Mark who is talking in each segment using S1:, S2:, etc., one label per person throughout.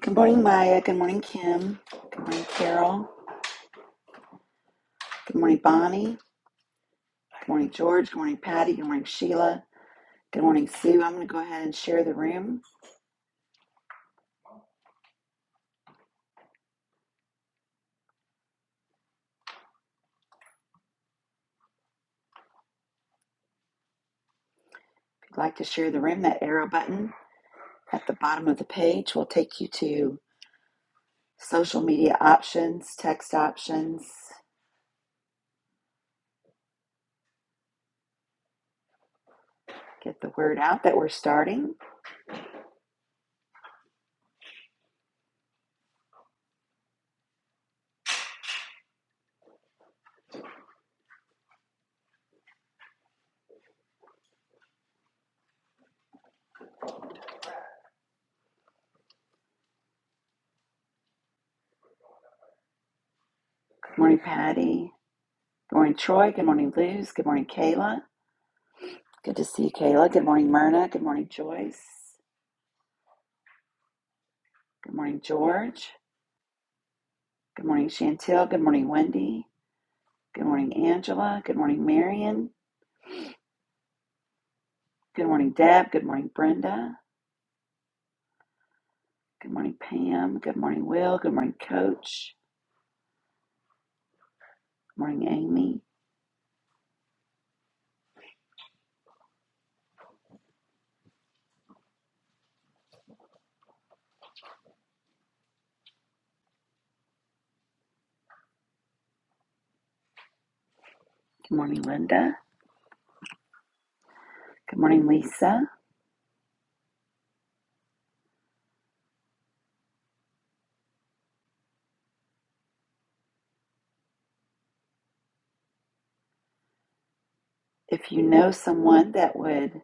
S1: Good morning, Maya. Good morning, Kim. Good morning, Carol. Good morning, Bonnie. Good morning, George. Good morning, Patty. Good morning, Sheila. Good morning, Sue. I'm going to go ahead and share the room. If you'd like to share the room, that arrow button at the bottom of the page will take you to social media options, text options. Get the word out that we're starting. Good morning, Patty. Good morning, Troy. Good morning, Luz. Good morning, Kayla. Good to see you, Kayla. Good morning, Myrna. Good morning, Joyce. Good morning, George. Good morning, Chantel. Good morning, Wendy. Good morning, Angela. Good morning, Marion. Good morning, Deb. Good morning, Brenda. Good morning, Pam. Good morning, Will. Good morning, Coach. Good morning, Amy. Good morning, Linda. Good morning, Lisa. If you know someone that would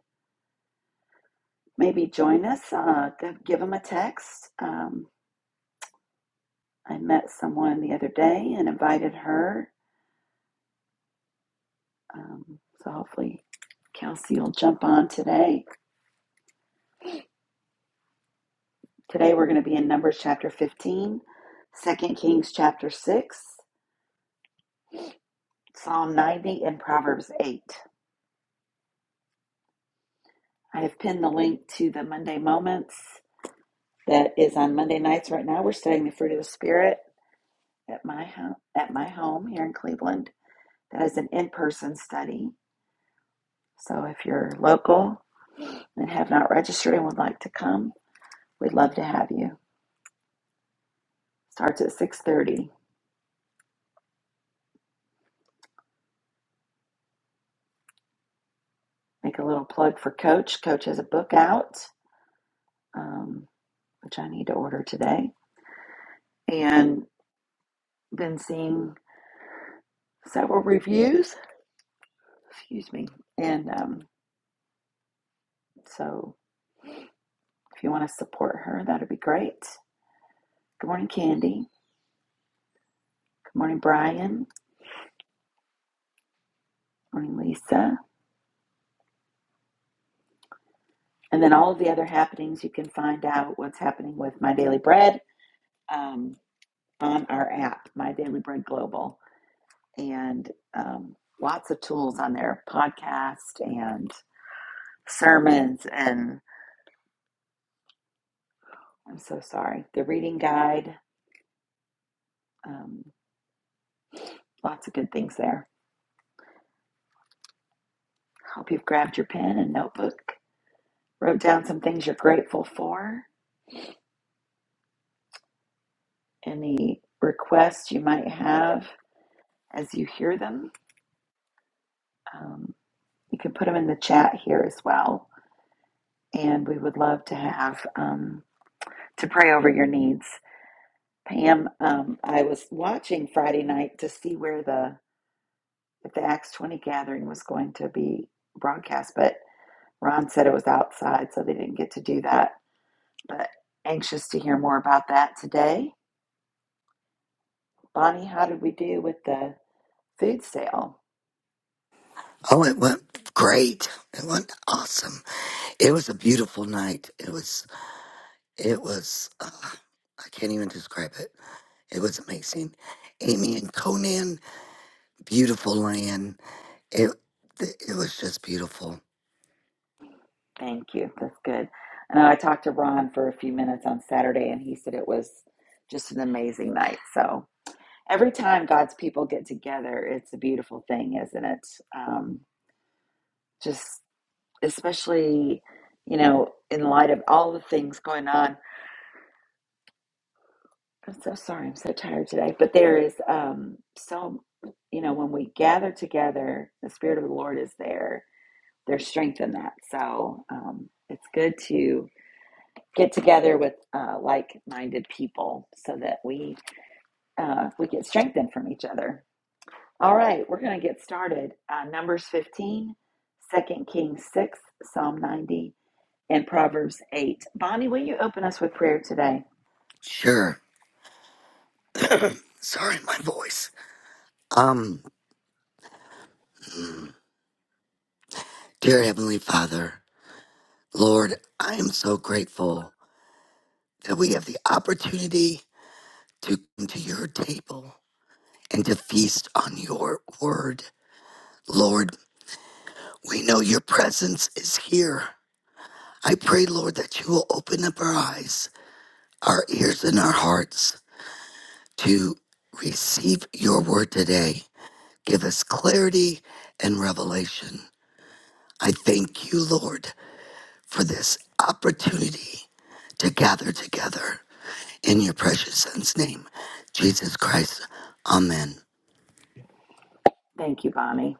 S1: maybe join us, uh, g- give them a text. Um, I met someone the other day and invited her. Um, so hopefully, Kelsey will jump on today Today we're going to be in Numbers chapter 15, Second Kings chapter 6, Psalm 90, and Proverbs 8. I have pinned the link to the Monday Moments that is on Monday nights right now. We're studying the fruit of the Spirit at my, ho- at my home here in Cleveland. That is an in person study. So if you're local and have not registered and would like to come, we'd love to have you. Starts at 6.30. Make a little plug for Coach. Coach has a book out, um, which I need to order today and been seeing several reviews. Excuse me. And um, so if you want to support her, that'd be great. Good morning, Candy. Good morning, Brian. Good morning, Lisa. And then all of the other happenings, you can find out what's happening with My Daily Bread um, on our app, My Daily Bread Global. And um, lots of tools on there podcast and sermons. And I'm so sorry, the reading guide. Um, lots of good things there. Hope you've grabbed your pen and notebook, wrote down some things you're grateful for, any requests you might have as you hear them. Um, you can put them in the chat here as well. And we would love to have um, to pray over your needs. Pam, um, I was watching Friday night to see where the if the Acts 20 gathering was going to be broadcast, but Ron said it was outside, so they didn't get to do that. But anxious to hear more about that today. Bonnie, how did we do with the food sale?
S2: Oh, it went great. It went awesome. It was a beautiful night. It was, it was, uh, I can't even describe it. It was amazing. Amy and Conan, beautiful land. It, it was just beautiful.
S1: Thank you. That's good. And I talked to Ron for a few minutes on Saturday, and he said it was just an amazing night. So every time God's people get together, it's a beautiful thing, isn't it? Um, just especially, you know, in light of all the things going on. I'm so sorry. I'm so tired today. But there is um, so, you know, when we gather together, the Spirit of the Lord is there there's strength in that. So um, it's good to get together with uh, like-minded people so that we uh, we get strengthened from each other. All right, we're going to get started. Uh, Numbers 15, Second Kings 6, Psalm 90, and Proverbs 8. Bonnie, will you open us with prayer today?
S2: Sure. Sorry, my voice. Um, dear Heavenly Father, Lord, I am so grateful that we have the opportunity to come to your table and to feast on your word. Lord, We know your presence is here. I pray, Lord, that you will open up our eyes, our ears, and our hearts to receive your word today. Give us clarity and revelation. I thank you, Lord, for this opportunity to gather together in your precious Son's name, Jesus Christ. Amen.
S1: Thank you, Bonnie.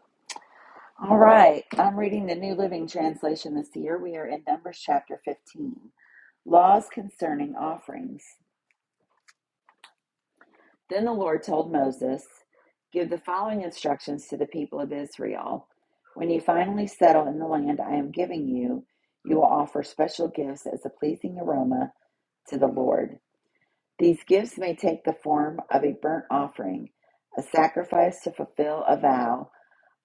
S1: All right, I'm reading the New Living Translation this year. We are in Numbers chapter 15, Laws Concerning Offerings. Then the Lord told Moses, Give the following instructions to the people of Israel. When you finally settle in the land I am giving you, you will offer special gifts as a pleasing aroma to the Lord. These gifts may take the form of a burnt offering, a sacrifice to fulfill a vow,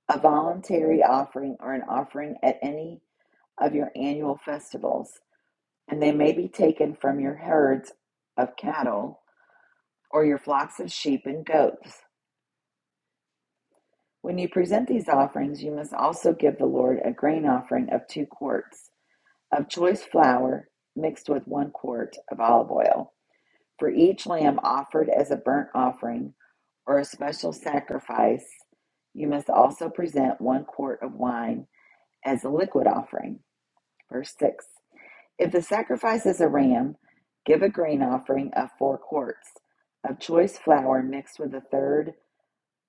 S1: a voluntary offering, or an offering at any of your annual festivals, and they may be taken from your herds of cattle or your flocks of sheep and goats. When you present these offerings, you must also give the Lord a grain offering of two quarts of choice flour mixed with one quart of olive oil for each lamb offered as a burnt offering or a special sacrifice. You must also present one quart of wine as a liquid offering. Verse 6 If the sacrifice is a ram, give a grain offering of four quarts of choice flour mixed with a third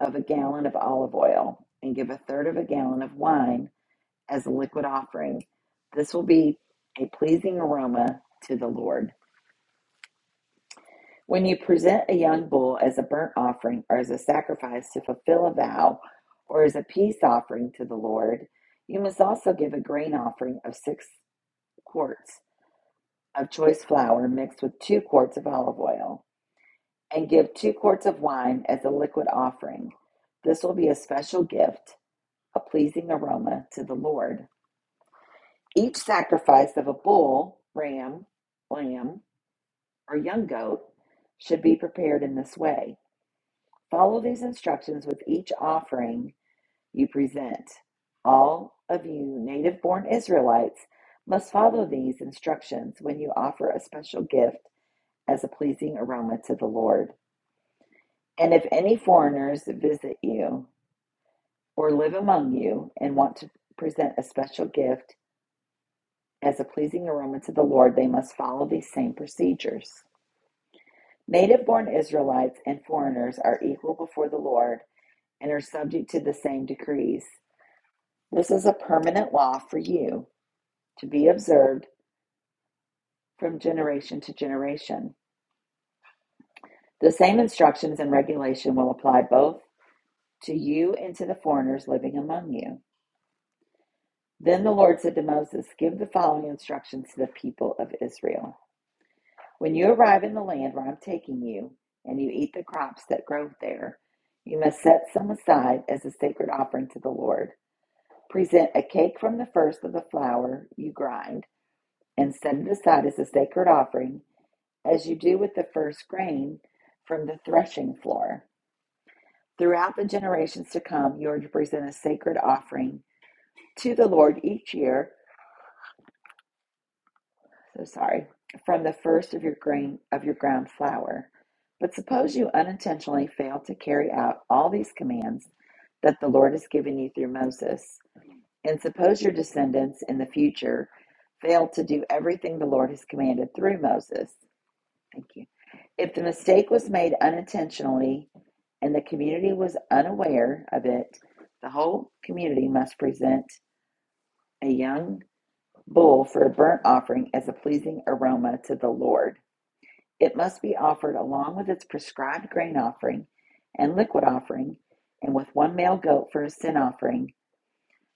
S1: of a gallon of olive oil and give a third of a gallon of wine as a liquid offering. This will be a pleasing aroma to the Lord. When you present a young bull as a burnt offering or as a sacrifice to fulfill a vow or as a peace offering to the Lord, you must also give a grain offering of six quarts of choice flour mixed with two quarts of olive oil, and give two quarts of wine as a liquid offering. This will be a special gift a pleasing aroma to the Lord. Each sacrifice of a bull, ram, lamb, or young goat should be prepared in this way. Follow these instructions with each offering you present. All of you native born Israelites must follow these instructions when you offer a special gift as a pleasing aroma to the Lord. And if any foreigners visit you or live among you and want to present a special gift, As a pleasing aroma to the Lord, they must follow these same procedures. Native born Israelites and foreigners are equal before the Lord and are subject to the same decrees. This is a permanent law for you to be observed from generation to generation. The same instructions and regulation will apply both to you and to the foreigners living among you. Then the Lord said to Moses, Give the following instructions to the people of Israel. When you arrive in the land where I'm taking you, and you eat the crops that grow there, you must set some aside as a sacred offering to the Lord. Present a cake from the first of the flour you grind, and set it aside as a sacred offering, as you do with the first grain from the threshing floor. Throughout the generations to come, you are to present a sacred offering to the Lord each year so sorry, from the first of your grain of your ground flour. But suppose you unintentionally fail to carry out all these commands that the Lord has given you through Moses, and suppose your descendants in the future fail to do everything the Lord has commanded through Moses. Thank you. If the mistake was made unintentionally and the community was unaware of it, the whole community must present a young bull for a burnt offering as a pleasing aroma to the Lord. It must be offered along with its prescribed grain offering and liquid offering, and with one male goat for a sin offering.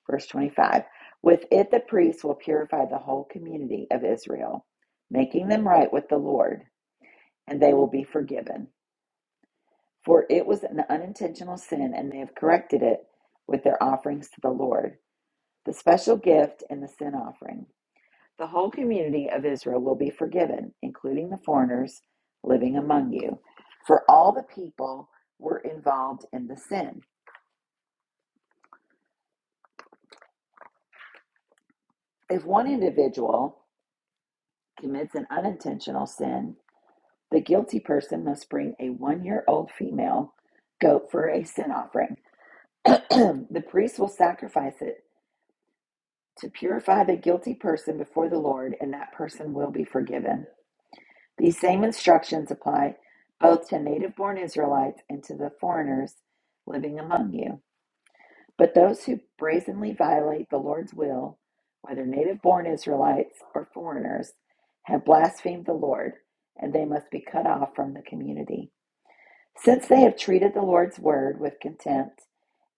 S1: Verse 25. With it, the priest will purify the whole community of Israel, making them right with the Lord, and they will be forgiven. For it was an unintentional sin, and they have corrected it with their offerings to the Lord, the special gift and the sin offering. The whole community of Israel will be forgiven, including the foreigners living among you, for all the people were involved in the sin. If one individual commits an unintentional sin, the guilty person must bring a one year old female goat for a sin offering. the priest will sacrifice it to purify the guilty person before the Lord, and that person will be forgiven. These same instructions apply both to native born Israelites and to the foreigners living among you. But those who brazenly violate the Lord's will, whether native born Israelites or foreigners, have blasphemed the Lord, and they must be cut off from the community. Since they have treated the Lord's word with contempt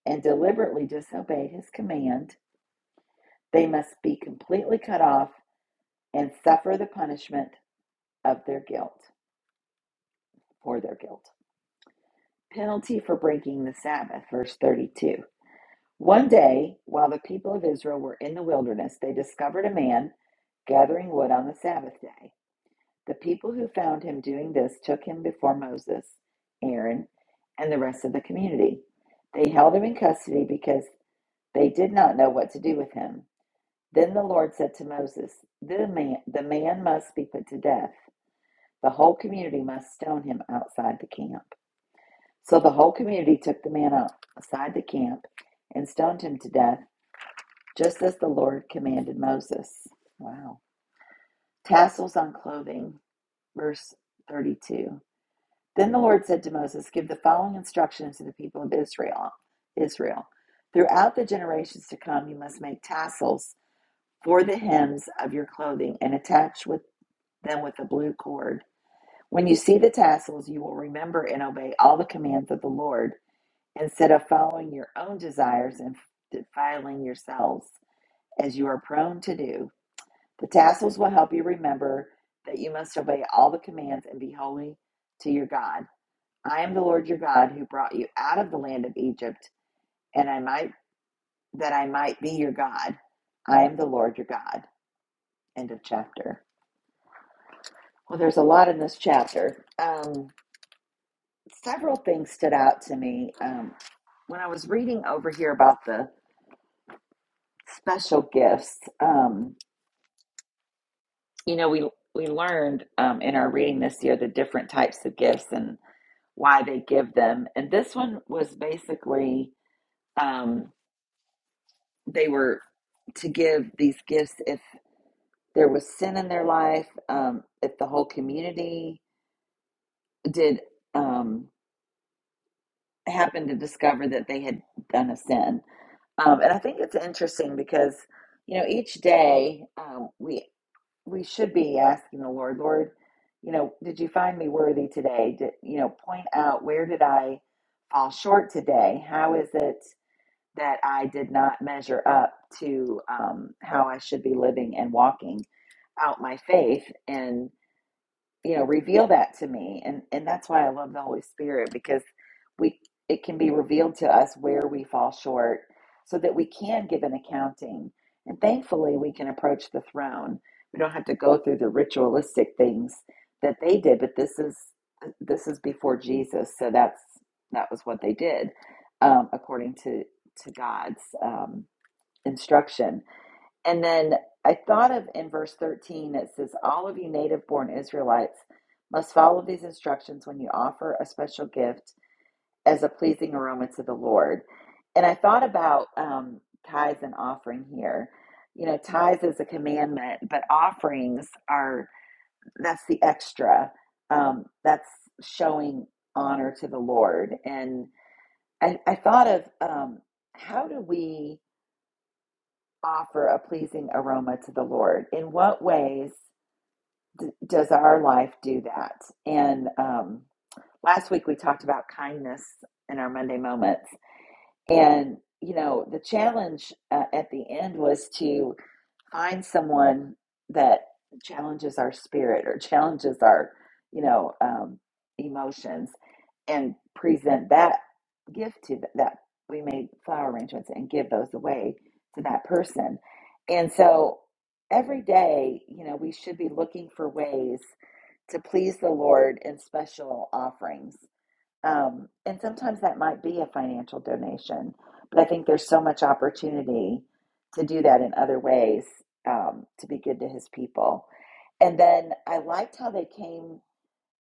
S1: and deliberately disobeyed his command, they must be completely cut off and suffer the punishment of their guilt for their guilt. Penalty for breaking the Sabbath, verse 32. One day, while the people of Israel were in the wilderness, they discovered a man gathering wood on the Sabbath day. The people who found him doing this took him before Moses, Aaron, and the rest of the community. They held him in custody because they did not know what to do with him. Then the Lord said to Moses, the man, the man must be put to death. The whole community must stone him outside the camp. So the whole community took the man up outside the camp and stoned him to death, just as the Lord commanded Moses. Wow. Tassels on clothing, verse 32. Then the Lord said to Moses, Give the following instructions to the people of Israel. Israel. Throughout the generations to come, you must make tassels for the hems of your clothing and attach with them with a blue cord. When you see the tassels, you will remember and obey all the commands of the Lord instead of following your own desires and defiling yourselves, as you are prone to do. The tassels will help you remember that you must obey all the commands and be holy to your God. I am the Lord your God who brought you out of the land of Egypt, and I might that I might be your God. I am the Lord your God. End of chapter. Well, there's a lot in this chapter. Um, several things stood out to me um, when I was reading over here about the special gifts. Um, you know we we learned um, in our reading this year the different types of gifts and why they give them and this one was basically um, they were to give these gifts if there was sin in their life um, if the whole community did um, happen to discover that they had done a sin um, and i think it's interesting because you know each day um, we we should be asking the Lord, Lord, you know, did you find me worthy today? Did, you know, point out where did I fall short today? How is it that I did not measure up to um, how I should be living and walking out my faith? And you know reveal that to me and and that's why i love the holy spirit because we it can be revealed to us where we fall short so that we can give an accounting and thankfully we can approach the throne we don't have to go through the ritualistic things that they did but this is this is before jesus so that's that was what they did um, according to to god's um, instruction and then I thought of in verse 13, it says, All of you native born Israelites must follow these instructions when you offer a special gift as a pleasing aroma to the Lord. And I thought about um, tithes and offering here. You know, tithes is a commandment, but offerings are that's the extra. Um, that's showing honor to the Lord. And I, I thought of um, how do we offer a pleasing aroma to the Lord. In what ways d- does our life do that? And um, last week we talked about kindness in our Monday moments. And, you know, the challenge uh, at the end was to find someone that challenges our spirit or challenges our you know um, emotions and present that gift to th- that we made flower arrangements and give those away to that person and so every day you know we should be looking for ways to please the lord in special offerings um, and sometimes that might be a financial donation, but I think there's so much opportunity to do that in other ways um, to be good to his people. And then I liked how they came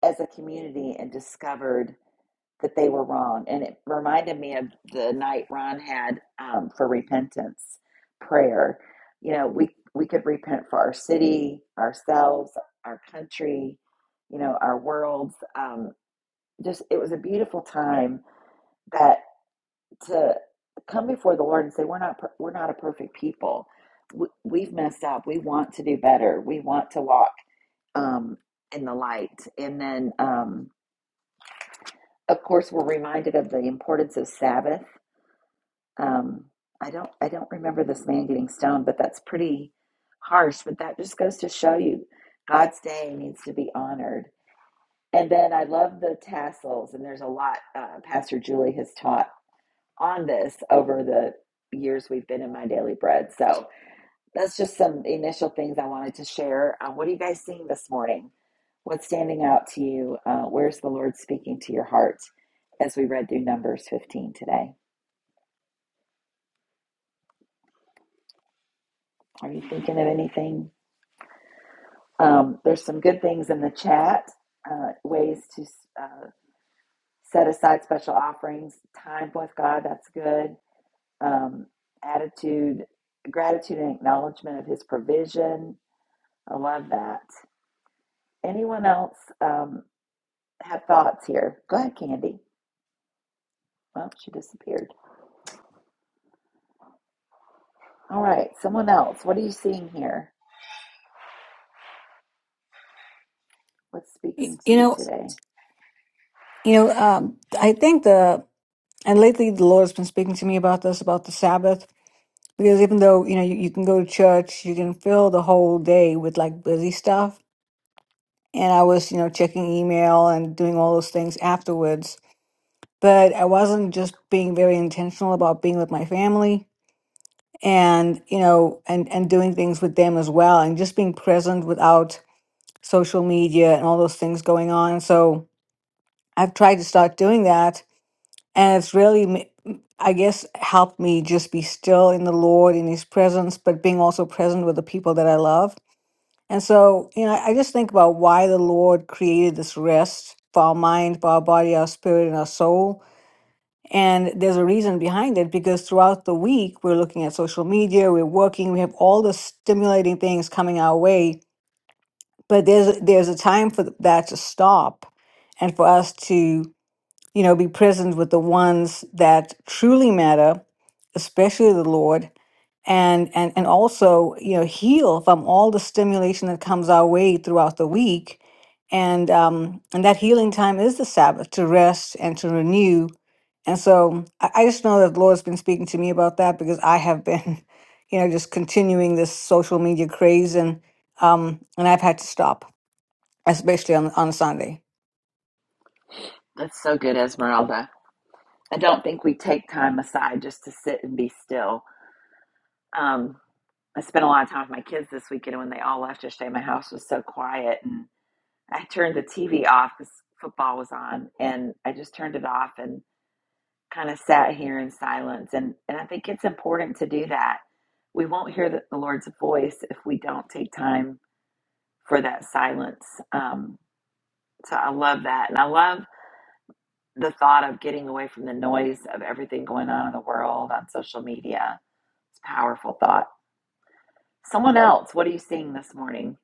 S1: as a community and discovered that they were wrong. And it reminded me of the night Ron had um, for repentance prayer. You know, we, we could repent for our city, ourselves, our country, you know, our worlds. Um, just, it was a beautiful time that to come before the Lord and say, "We're not per- we're not a perfect people. We, we've messed up. We want to do better. We want to walk um, in the light." And then, um, of course, we're reminded of the importance of Sabbath. Um, I don't I don't remember this man getting stoned, but that's pretty harsh. But that just goes to show you God's day needs to be honored. And then I love the tassels, and there's a lot uh, Pastor Julie has taught on this over the years we've been in my daily bread. So that's just some initial things I wanted to share. Uh, what are you guys seeing this morning? What's standing out to you? Uh, where's the Lord speaking to your heart as we read through Numbers 15 today? Are you thinking of anything? Um, there's some good things in the chat, uh, ways to uh, set aside special offerings, time with God, that's good. Um, attitude, gratitude, and acknowledgement of His provision I love that. Anyone else um, have thoughts here? Go ahead, Candy. Well, she disappeared. All right, someone else. What are you seeing here? What's
S3: Y-
S1: speaking to
S3: You
S1: you
S3: know,
S1: today?
S3: you know, um, I think the and lately the Lord has been speaking to me about this about the Sabbath because even though you know you, you can go to church, you can fill the whole day with like busy stuff. And I was you know checking email and doing all those things afterwards, but I wasn't just being very intentional about being with my family and you know and and doing things with them as well and just being present without social media and all those things going on. So I've tried to start doing that and it's really ma- m- i guess helped me just be still in the lord in his presence but being also present with the people that i love and so you know i just think about why the lord created this rest for our mind for our body our spirit and our soul and there's a reason behind it because throughout the week we're looking at social media we're working we have all the stimulating things coming our way but there's there's a time for that to stop and for us to you know, be present with the ones that truly matter, especially the Lord, and and and also you know heal from all the stimulation that comes our way throughout the week, and um, and that healing time is the Sabbath to rest and to renew, and so I, I just know that the Lord's been speaking to me about that because I have been, you know, just continuing this social media craze and um and I've had to stop, especially on on Sunday.
S1: That's so good, Esmeralda. I don't think we take time aside just to sit and be still. Um, I spent a lot of time with my kids this weekend, and when they all left yesterday, my house was so quiet, and I turned the TV off because football was on, and I just turned it off and kind of sat here in silence and and I think it's important to do that. We won't hear the, the Lord's voice if we don't take time for that silence. Um, so I love that, and I love the thought of getting away from the noise of everything going on in the world on social media. It's a powerful thought. Someone else, what are you seeing this morning?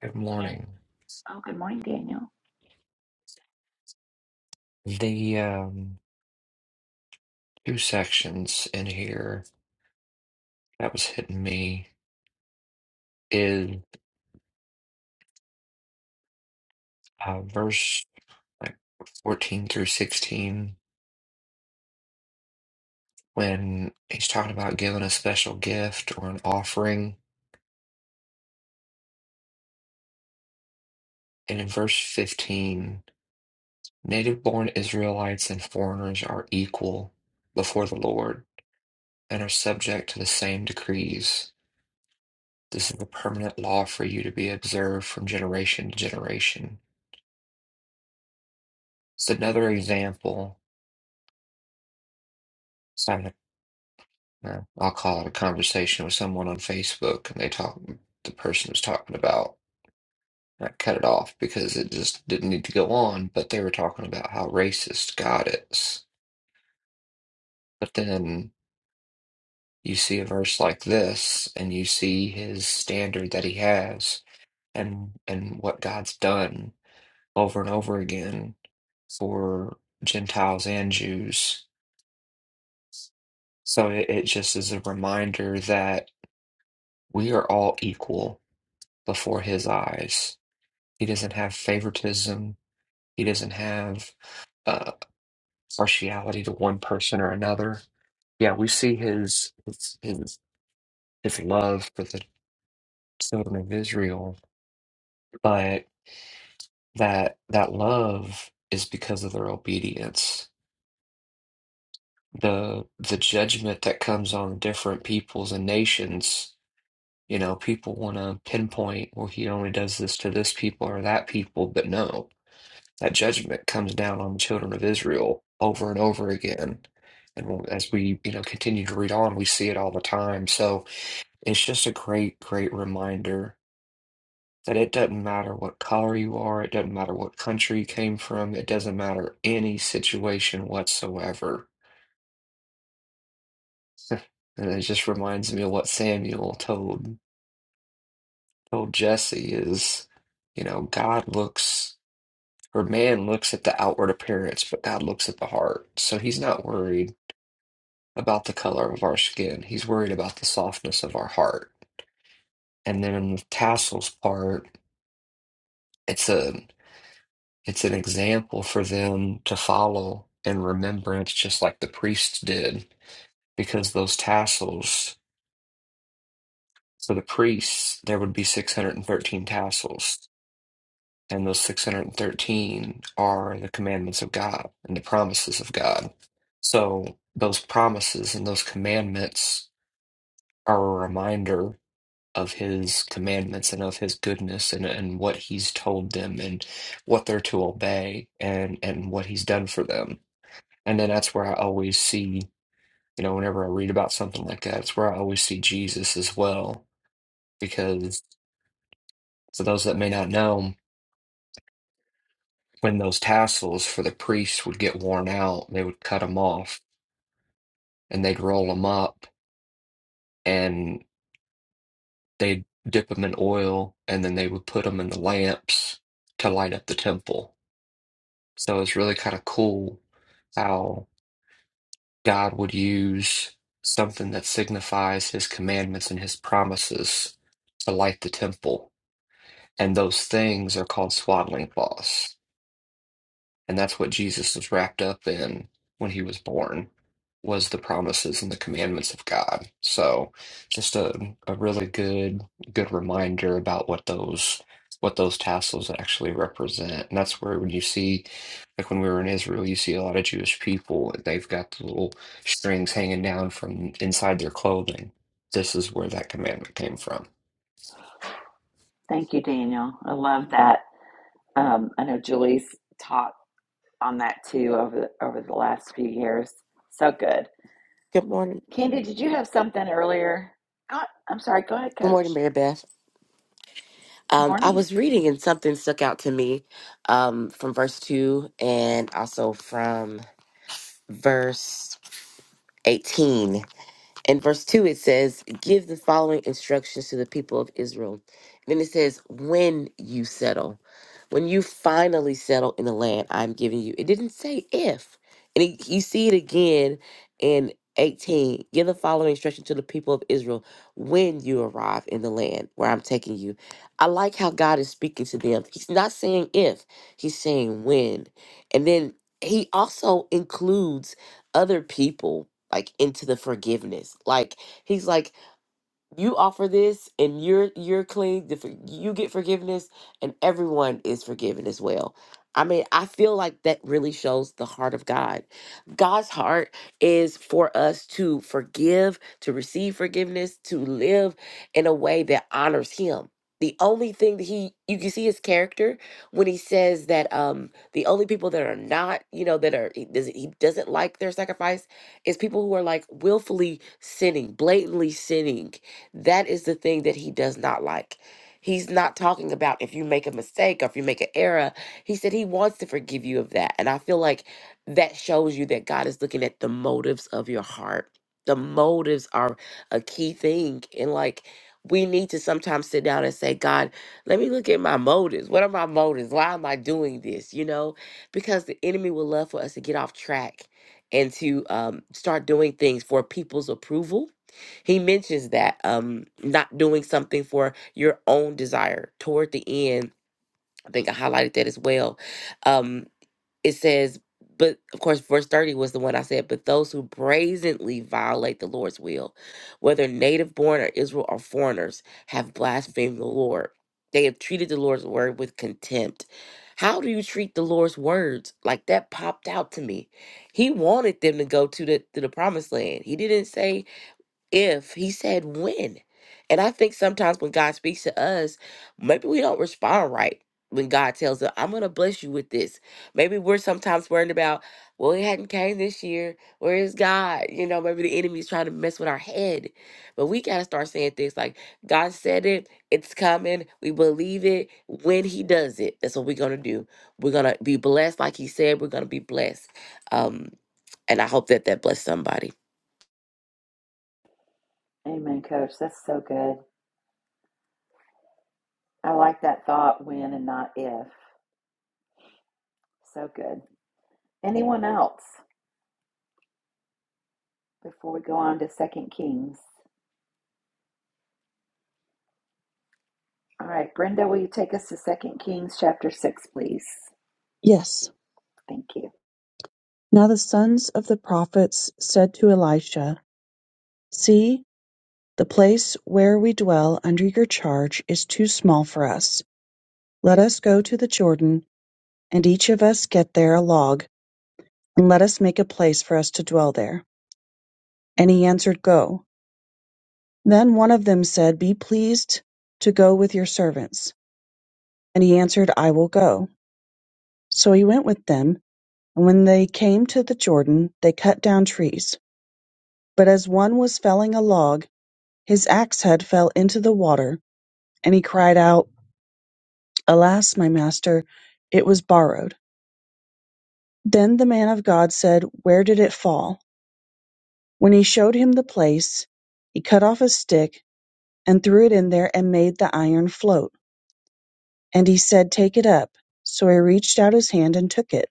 S4: Good
S1: Can't.
S4: morning.
S1: Oh, good morning, Daniel.
S4: The um, two sections in here that was hitting me is uh, verse like 14 through 16 when he's talking about giving a special gift or an offering. And in verse 15, native born Israelites and foreigners are equal before the Lord and are subject to the same decrees. This is a permanent law for you to be observed from generation to generation. It's another example Yeah. I'll call it a conversation with someone on Facebook and they talk, the person was talking about, I cut it off because it just didn't need to go on, but they were talking about how racist God is. But then you see a verse like this and you see his standard that he has and and what God's done over and over again for Gentiles and Jews. So it, it just is a reminder that we are all equal before his eyes He doesn't have favoritism. He doesn't have uh, partiality to one person or another. Yeah, we see his his his, his love for the children of Israel, but that that love is because of their obedience. The the judgment that comes on different peoples and nations, you know, people want to pinpoint, well, he only does this to this people or that people, but no. That judgment comes down on the children of Israel over and over again. And we'll- as we, you know, continue to read on, we see it all the time. So it's just a great, great reminder that it doesn't matter what color you are, it doesn't matter what country you came from, it doesn't matter any situation whatsoever. And it just reminds me of what Samuel told told Jesse is, you know, God looks or man looks at the outward appearance, but God looks at the heart. So he's not worried about the color of our skin. He's worried about the softness of our heart. And then in the tassels part, it's a it's an example for them to follow in remembrance, just like the priests did, because those tassels for the priests, there would be 613 tassels. And those 613 are the commandments of God and the promises of God. So those promises and those commandments are a reminder of his commandments and of his goodness and, and what he's told them and what they're to obey and and what he's done for them. And then that's where I always see, you know, whenever I read about something like that, it's where I always see Jesus as well. Because for those that may not know, when those tassels for the priests would get worn out, they would cut them off and they'd roll them up and they'd dip them in oil and then they would put them in the lamps to light up the temple So it's really kind of cool how God would use something that signifies his commandments and his promises to light the temple. And those things are called swaddling cloths. And that's what Jesus was wrapped up in when he was born, was the promises and the commandments of God. So just a, a really good good reminder about what those what those tassels actually represent. And that's where when you see like when we were in Israel, you see a lot of Jewish people, they've got the little strings hanging down from inside their clothing. This is where that commandment came from.
S1: Thank you, Daniel. I love that. Um, I know Julie's taught on that too over the, over the last few years. So good.
S5: Good morning.
S1: Candy, did you have something earlier? Oh, I'm sorry. Go ahead,
S5: Good morning,
S1: Coach.
S5: Mary Beth. Um, I
S1: Morning.
S5: was reading and something stuck out to me um, from verse 2 and also from verse 18. In verse 2, it says, Give the following instructions to the people of Israel. then it says, When you settle, when you finally settle in the land I'm giving you. It didn't say if. And it, you see it again in 18. Give the following instruction to the people of Israel when you arrive in the land where I'm taking you. I like how God is speaking to them. He's not saying if, he's saying when. And then he also includes other people like into the forgiveness. Like he's like, you offer this and you're you're clean the, for- you get forgiveness and everyone is forgiven as well i mean i feel like that really shows the heart of god god's heart is for us to forgive to receive forgiveness to live in a way that honors him the only thing that he you can see his character when he says that um the only people that are not you know that are he doesn't he doesn't like their sacrifice is people who are like willfully sinning blatantly sinning that is the thing that he does not like. He's not talking about if you make a mistake or if you make an error. He said he wants to forgive you of that. And I feel like that shows you that God is looking at the motives of your heart. The motives are a key thing. And like, we need to sometimes sit down and say, God, let me look at my motives. What are my motives? Why am I doing this? You know, because the enemy would love for us to get off track and to um, start doing things for people's approval he mentions that um, not doing something for your own desire toward the end. I think I highlighted that as well. Um, it says, but of course, verse 30 was the one I said, but those who brazenly violate the Lord's will, whether native born or Israel or foreigners, have blasphemed the Lord. They have treated the Lord's word with contempt. How do you treat the Lord's words? Like that popped out to me. He wanted them to go to the to the promised land. He didn't say if he said when and i think sometimes when god speaks to us maybe we don't respond right when god tells us i'm gonna bless you with this maybe we're sometimes worried about well it hadn't came this year where is god you know maybe the enemy is trying to mess with our head but we gotta start saying things like god said it it's coming we believe it when he does it that's what we're gonna do we're gonna be blessed like he said we're gonna be blessed um and i hope that that blessed somebody
S1: Amen, Coach. That's so good. I like that thought, when and not if. So good. Anyone else before we go on to Second Kings? All right, Brenda, will you take us to Second Kings chapter six, please?
S6: Yes.
S1: Thank you.
S6: Now the sons of the prophets said to Elisha, See, the place where we dwell under your charge is too small for us. Let us go to the Jordan, and each of us get there a log, and let us make a place for us to dwell there. And he answered, Go. Then one of them said, Be pleased to go with your servants. And he answered, I will go. So he went with them, and when they came to the Jordan, they cut down trees. But as one was felling a log, his axe head fell into the water, and he cried out, Alas, my master, it was borrowed. Then the man of God said, Where did it fall? When he showed him the place, he cut off a stick and threw it in there and made the iron float. And he said, Take it up. So he reached out his hand and took it.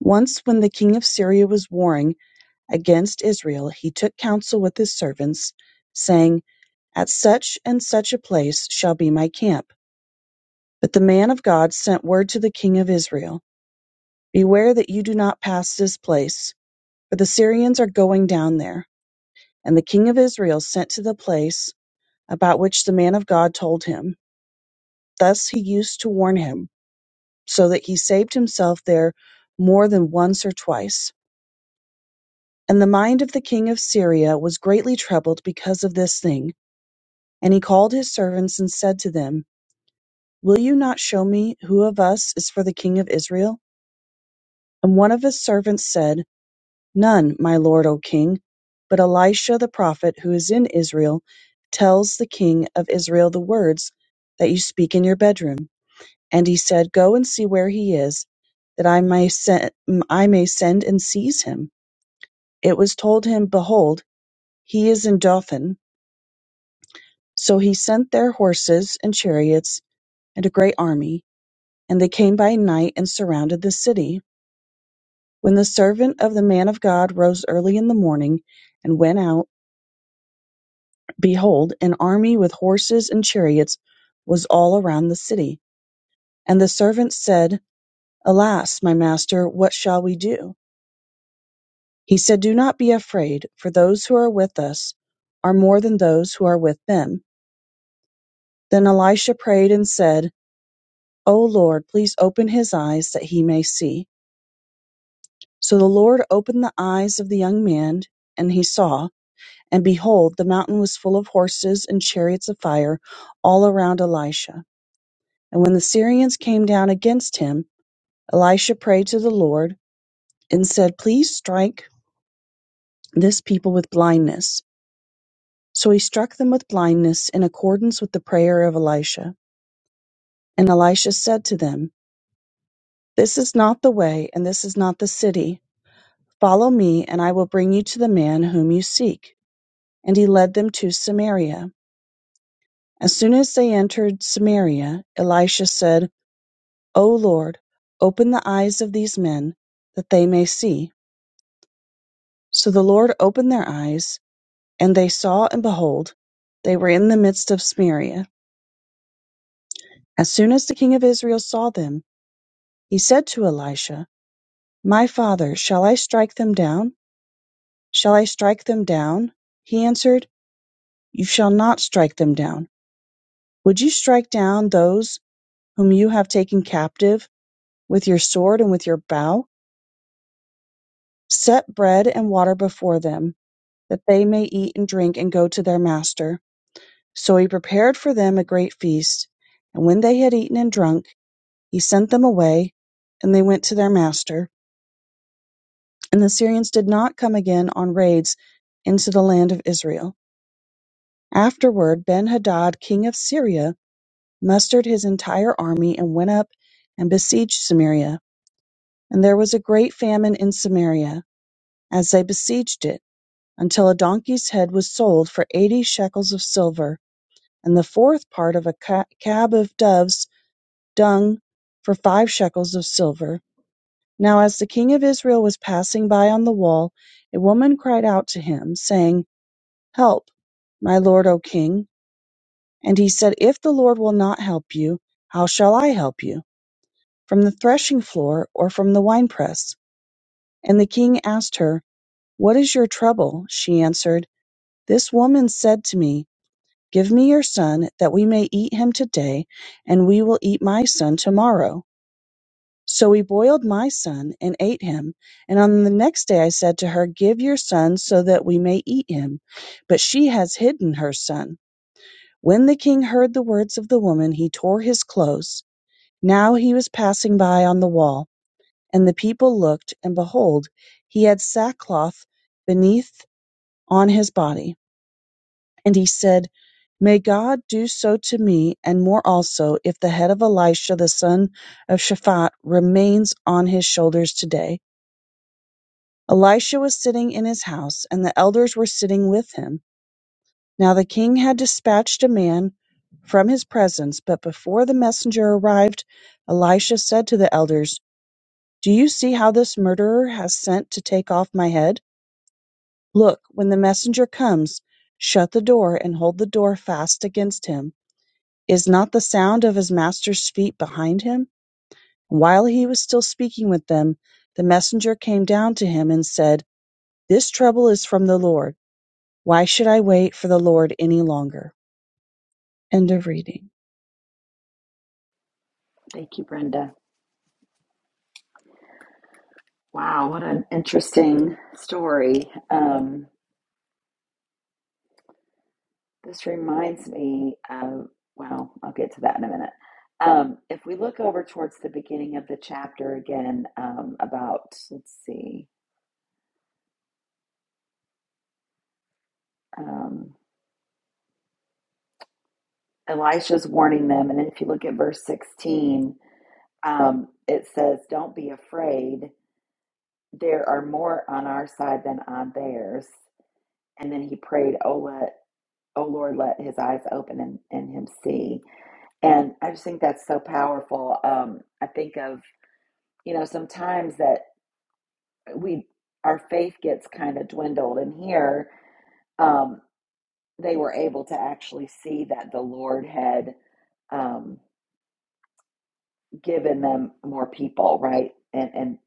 S6: Once when the king of Syria was warring, against Israel, he took counsel with his servants, saying, At such and such a place shall be my camp. But the man of God sent word to the king of Israel, Beware that you do not pass this place, for the Syrians are going down there. And the king of Israel sent to the place about which the man of God told him. Thus he used to warn him, so that he saved himself there more than once or twice. And the mind of the king of Syria was greatly troubled because of this thing. And he called his servants and said to them, Will you not show me who of us is for the king of Israel? And one of his servants said, None, my lord, O king. But Elisha the prophet, who is in Israel, tells the king of Israel the words that you speak in your bedroom. And he said, Go and see where he is, that I may send, I may send and seize him. It was told him, Behold, he is in Dothan. So he sent there horses and chariots and a great army. And they came by night and surrounded the city. When the servant of the man of God rose early in the morning and went out, behold, an army with horses and chariots was all around the city. And the servant said, Alas, my master, what shall we do? He said, Do not be afraid, for those who are with us are more than those who are with them. Then Elisha prayed and said, O Lord, please open his eyes that he may see. So the Lord opened the eyes of the young man, and he saw. And behold, the mountain was full of horses and chariots of fire all around Elisha. And when the Syrians came down against him, Elisha prayed to the Lord and said, Please strike this people with blindness. So he struck them with blindness in accordance with the prayer of Elisha. And Elisha said to them, This is not the way, and this is not the city. Follow me, and I will bring you to the man whom you seek. And he led them to Samaria. As soon as they entered Samaria, Elisha said, O Lord, open the eyes of these men, that they may see. So the Lord opened their eyes, and they saw, and behold, they were in the midst of Samaria. As soon as the king of Israel saw them, he said to Elisha, My father, shall I strike them down? Shall I strike them down? He answered, You shall not strike them down. Would you strike down those whom you have taken captive with your sword and with your bow? Set bread and water before them that they may eat and drink and go to their master. So he prepared for them a great feast. And when they had eaten and drunk, he sent them away, and they went to their master. And the Syrians did not come again on raids into the land of Israel. Afterward, Ben Hadad, king of Syria, mustered his entire army and went up and besieged Samaria. And there was a great famine in Samaria as they besieged it, until a donkey's head was sold for eighty shekels of silver and the fourth part of a ca- cab of doves' dung for five shekels of silver. Now, as the king of Israel was passing by on the wall, a woman cried out to him, saying, Help, my lord, O king. And he said, If the Lord will not help you, how shall I help you? From the threshing floor or from the winepress? And the king asked her, What is your trouble? She answered, This woman said to me, Give me your son, that we may eat him today, and we will eat my son tomorrow. So we boiled my son and ate him. And on the next day I said to her, Give your son, so that we may eat him. But she has hidden her son. When the king heard the words of the woman, he tore his clothes. Now he was passing by on the wall, and the people looked, and behold, he had sackcloth beneath on his body. And he said, May God do so to me, and more also, if the head of Elisha the son of Shaphat remains on his shoulders today. Elisha was sitting in his house, and the elders were sitting with him. Now the king had dispatched a man from his presence, but before the messenger arrived, Elisha said to the elders, Do you see how this murderer has sent to take off my head? Look, when the messenger comes, shut the door and hold the door fast against him Is not the sound of his master's feet behind him? While he was still speaking with them, the messenger came down to him and said, This trouble is from the Lord. Why should I wait for the Lord any longer? End of reading.
S1: Thank you, Brenda. Wow, what an interesting story. Um, This reminds me of, well, I'll get to that in a minute. Um, if we look over towards the beginning of the chapter again um, about, let's see, um, Elisha's warning them. And then if you look at verse 16, um, it says, Don't be afraid. There are more on our side than on theirs. And then he prayed, Oh, let, oh Lord, let his eyes open and, and him see. And I just think that's so powerful. Um, I think of, you know, sometimes that we our faith gets kind of dwindled and here um, they were able to actually see that the lord had um, given them more people right and and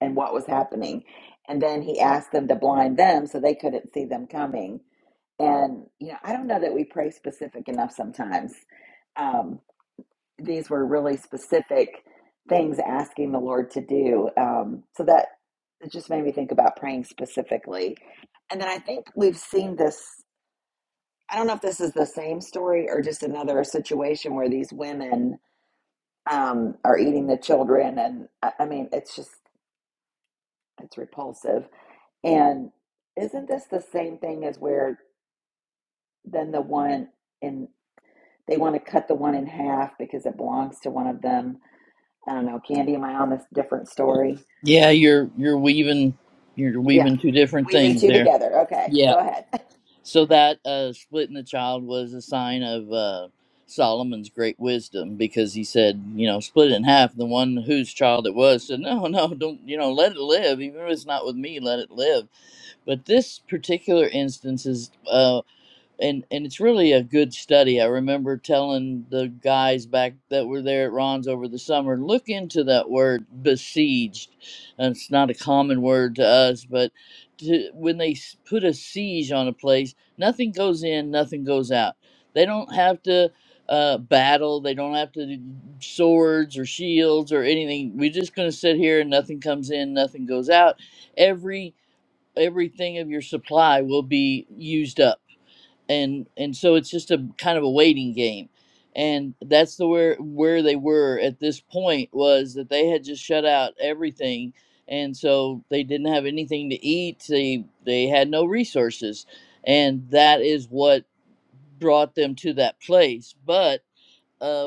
S1: and what was happening and then he asked them to blind them so they couldn't see them coming and you know i don't know that we pray specific enough sometimes Um, these were really specific things asking the Lord to do. Um, so that it just made me think about praying specifically. And then I think we've seen this. I don't know if this is the same story or just another situation where these women um, are eating the children, and I I mean, it's just it's repulsive. And isn't this the same thing as where then the one in they want to cut the one in half because it belongs to one of them? I don't know, Candy. Am I on this different story?
S7: Yeah, you're you're weaving you're
S1: Yeah.
S7: weaving two different
S1: Weaving
S7: things
S1: two
S7: there.
S1: together. Okay.
S7: Yeah.
S1: Go ahead.
S7: So that uh splitting the child was a sign of uh Solomon's great wisdom because he said, you know, split it in half. The one whose child it was said, No, no, don't you know, let it live. Even if it's not with me, let it live. But this particular instance is uh, and and it's really a good study. I remember telling the guys back that were there at Ron's over the summer, look into that word besieged. And it's not a common word to us, but to, when they s- put a siege on a place, nothing goes in, nothing goes out. They don't have to uh, battle. They don't have to do swords or shields or anything. We're just going to sit here and nothing comes in, nothing goes out. Every everything of your supply will be used up and and so it's just a kind of a waiting game and that's the where where they were at this point was that they had just shut out everything and so they didn't have anything to eat they they had no resources and that is what brought them to that place but uh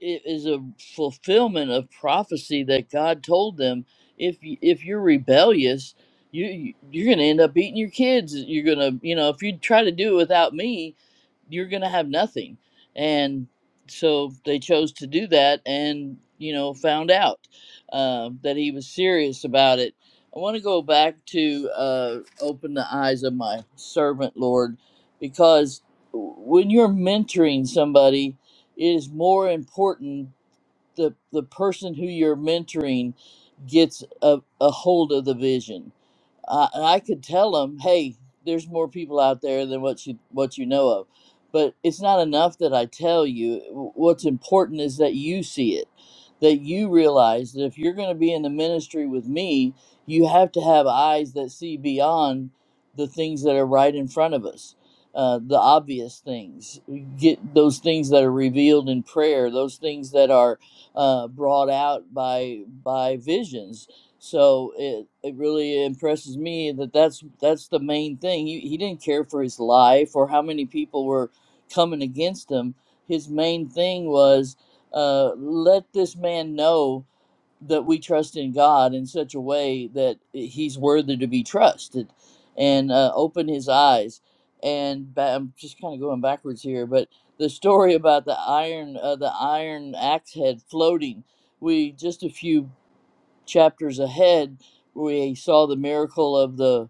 S7: it is a fulfillment of prophecy that God told them. If y- if you're rebellious, you you- you're gonna end up beating your kids. You're gonna you know if you try to do it without me, you're gonna have nothing. And so they chose to do that, and you know found out uh, that he was serious about it. I want to go back to uh, open the eyes of my servant, Lord, because when you're mentoring somebody it is more important the the person who you're mentoring gets a, a hold of the vision uh, and I could tell them, "Hey, there's more people out there than what you what you know of." But it's not enough that I tell you. W- What's important is that you see it, that you realize that if you're going to be in the ministry with me, you have to have eyes that see beyond the things that are right in front of us, uh, the obvious things. Get those things that are revealed in prayer, those things that are uh, brought out by by visions so it it really impresses me that that's that's the main thing. He he didn't care for his life or how many people were coming against him. His main thing was uh, let this man know that we trust in God in such a way that he's worthy to be trusted, and uh, open his eyes. And ba- I'm just kind of going backwards here, but the story about the iron uh, the iron axe head floating we just a few chapters ahead, we saw the miracle of the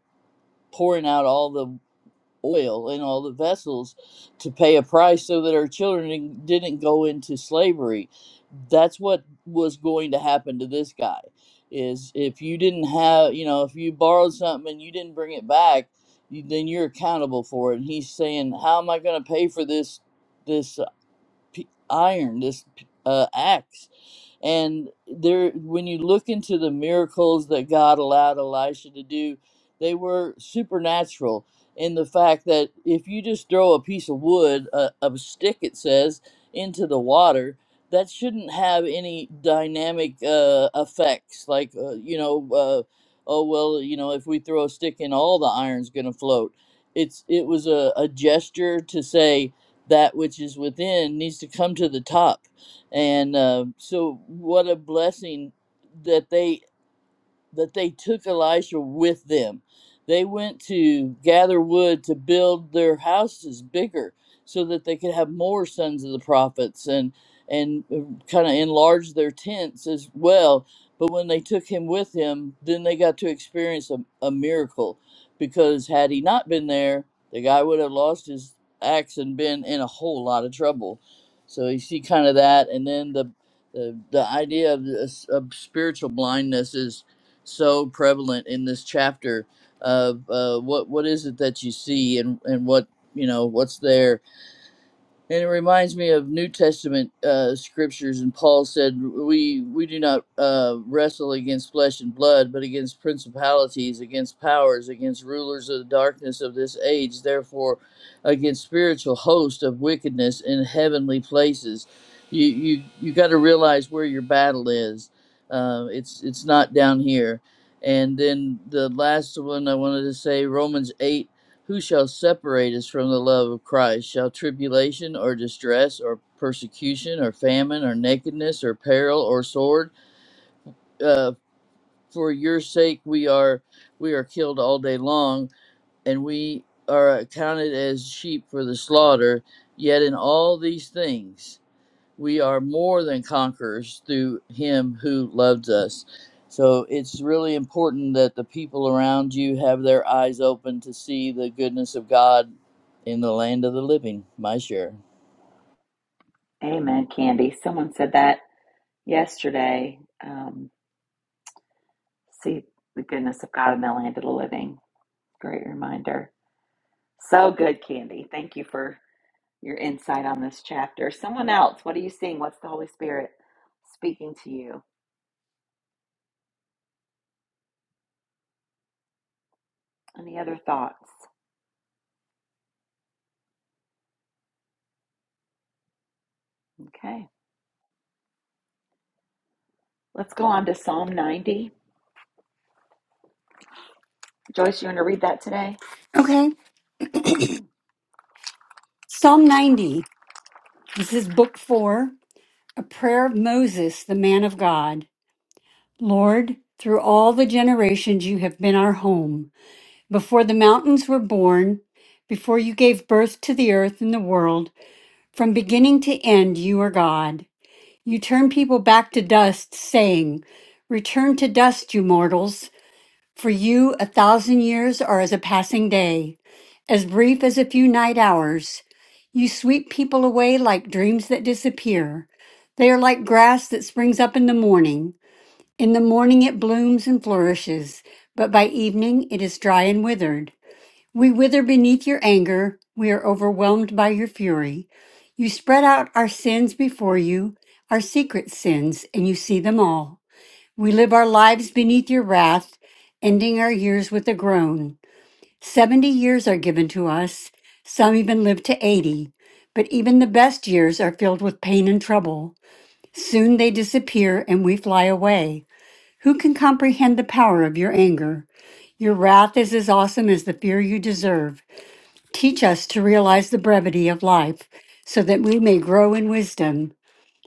S7: pouring out all the oil in all the vessels to pay a price so that our children didn't go into slavery. That's what was going to happen to this guy. Is if you didn't have, you know, if you borrowed something and you didn't bring it back, you, then you're accountable for it. And he's saying, "How am I going to pay for this? This p- iron, this uh, axe. And there, when you look into the miracles that God allowed Elisha to do, they were supernatural in the fact that if you just throw a piece of wood, a, a stick, it says, into the water, that shouldn't have any dynamic uh, effects. Like, uh, you know, uh, oh, well, you know, if we throw a stick in, all the iron's going to float. It's, it was a, a gesture to say, that which is within needs to come to the top and uh, so what a blessing that they that they took Elisha with them. They went to gather wood to build their houses bigger so that they could have more sons of the prophets and and kind of enlarge their tents as well. But when they took him with him, then they got to experience a, a miracle because had he not been there, the guy would have lost his axe and been in a whole lot of trouble. So you see kind of that and then the the, the idea of, this, of spiritual blindness is so prevalent in this chapter of uh, what what is it that you see and and what you know what's there and it reminds me of New Testament uh, scriptures, and Paul said, "We we do not uh, wrestle against flesh and blood, but against principalities, against powers, against rulers of the darkness of this age. Therefore, against spiritual hosts of wickedness in heavenly places." You you you got to realize where your battle is. Uh, it's it's not down here. And then the last one I wanted to say, Romans eight. Who shall separate us from the love of Christ? Shall tribulation or distress or persecution or famine or nakedness or peril or sword? Uh, for your sake we are we are killed all day long, and we are accounted as sheep for the slaughter. Yet in all these things we are more than conquerors through him who loved us. So it's really important that the people around you have their eyes open to see the goodness of God in the land of the living. My share.
S1: Amen, Candy. Someone said that yesterday. Um, see the goodness of God in the land of the living. Great reminder. So good, Candy. Thank you for your insight on this chapter. Someone else, what are you seeing? What's the Holy Spirit speaking to you? Any other thoughts? Okay, let's go on to Psalm 90. Joyce, you want to read that today?
S8: Okay. Psalm 90. This is book four, a prayer of Moses, the man of God. Lord, through all the generations you have been our home. Before the mountains were born, before you gave birth to the earth and the world, from beginning to end, you are God. You turn people back to dust, saying, Return to dust, you mortals, for you a thousand years are as a passing day. as brief as a few night hours. You sweep people away like dreams that disappear. They are like grass that springs up in the morning. In the morning it blooms and flourishes, but by evening it is dry and withered. We wither beneath your anger. We are overwhelmed by your fury. You spread out our sins before you, our secret sins, and you see them all. We live our lives beneath your wrath, ending our years with a groan. 70 years are given to us. Some even live to 80. But even the best years are filled with pain and trouble. Soon they disappear and we fly away. Who can comprehend the power of your anger? Your wrath is as awesome as the fear you deserve. Teach us to realize the brevity of life so that we may grow in wisdom.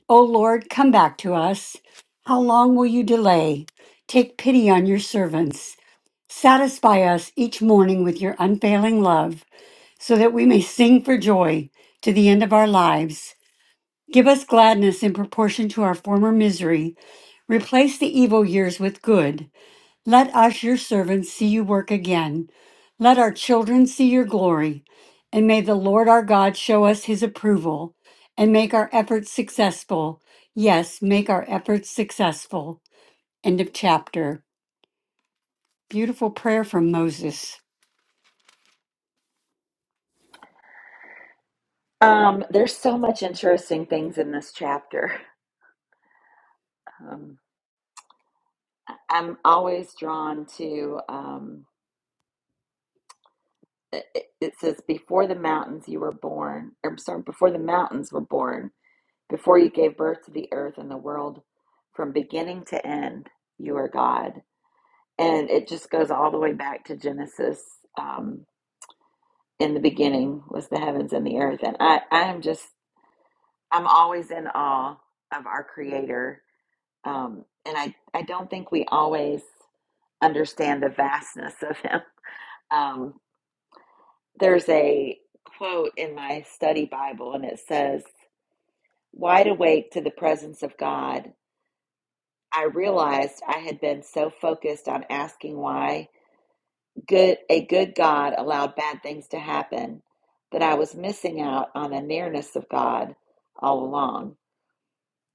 S8: O Lord, come back to us. How long will you delay? Take pity on your servants. Satisfy us each morning with your unfailing love so that we may sing for joy to the end of our lives. Give us gladness in proportion to our former misery. Replace the evil years with good. Let us, your servants, see you work again. Let our children see your glory. And may the Lord our God show us his approval and make our efforts successful. Yes, make our efforts successful. End of chapter. Beautiful prayer from Moses.
S1: Um, there's so much interesting things in this chapter. Um, I'm always drawn to um, it, it says before the mountains you were born, or I'm sorry, before the mountains were born, before you gave birth to the earth and the world, from beginning to end, you are God, and it just goes all the way back to Genesis. Um, in the beginning was the heavens and the earth, and I I am just I'm always in awe of our Creator, um, and I I don't think we always understand the vastness of Him. Um, there's a quote in my study Bible, and it says, Wide awake to the presence of God, I realized I had been so focused on asking why good, a good God allowed bad things to happen that I was missing out on the nearness of God all along.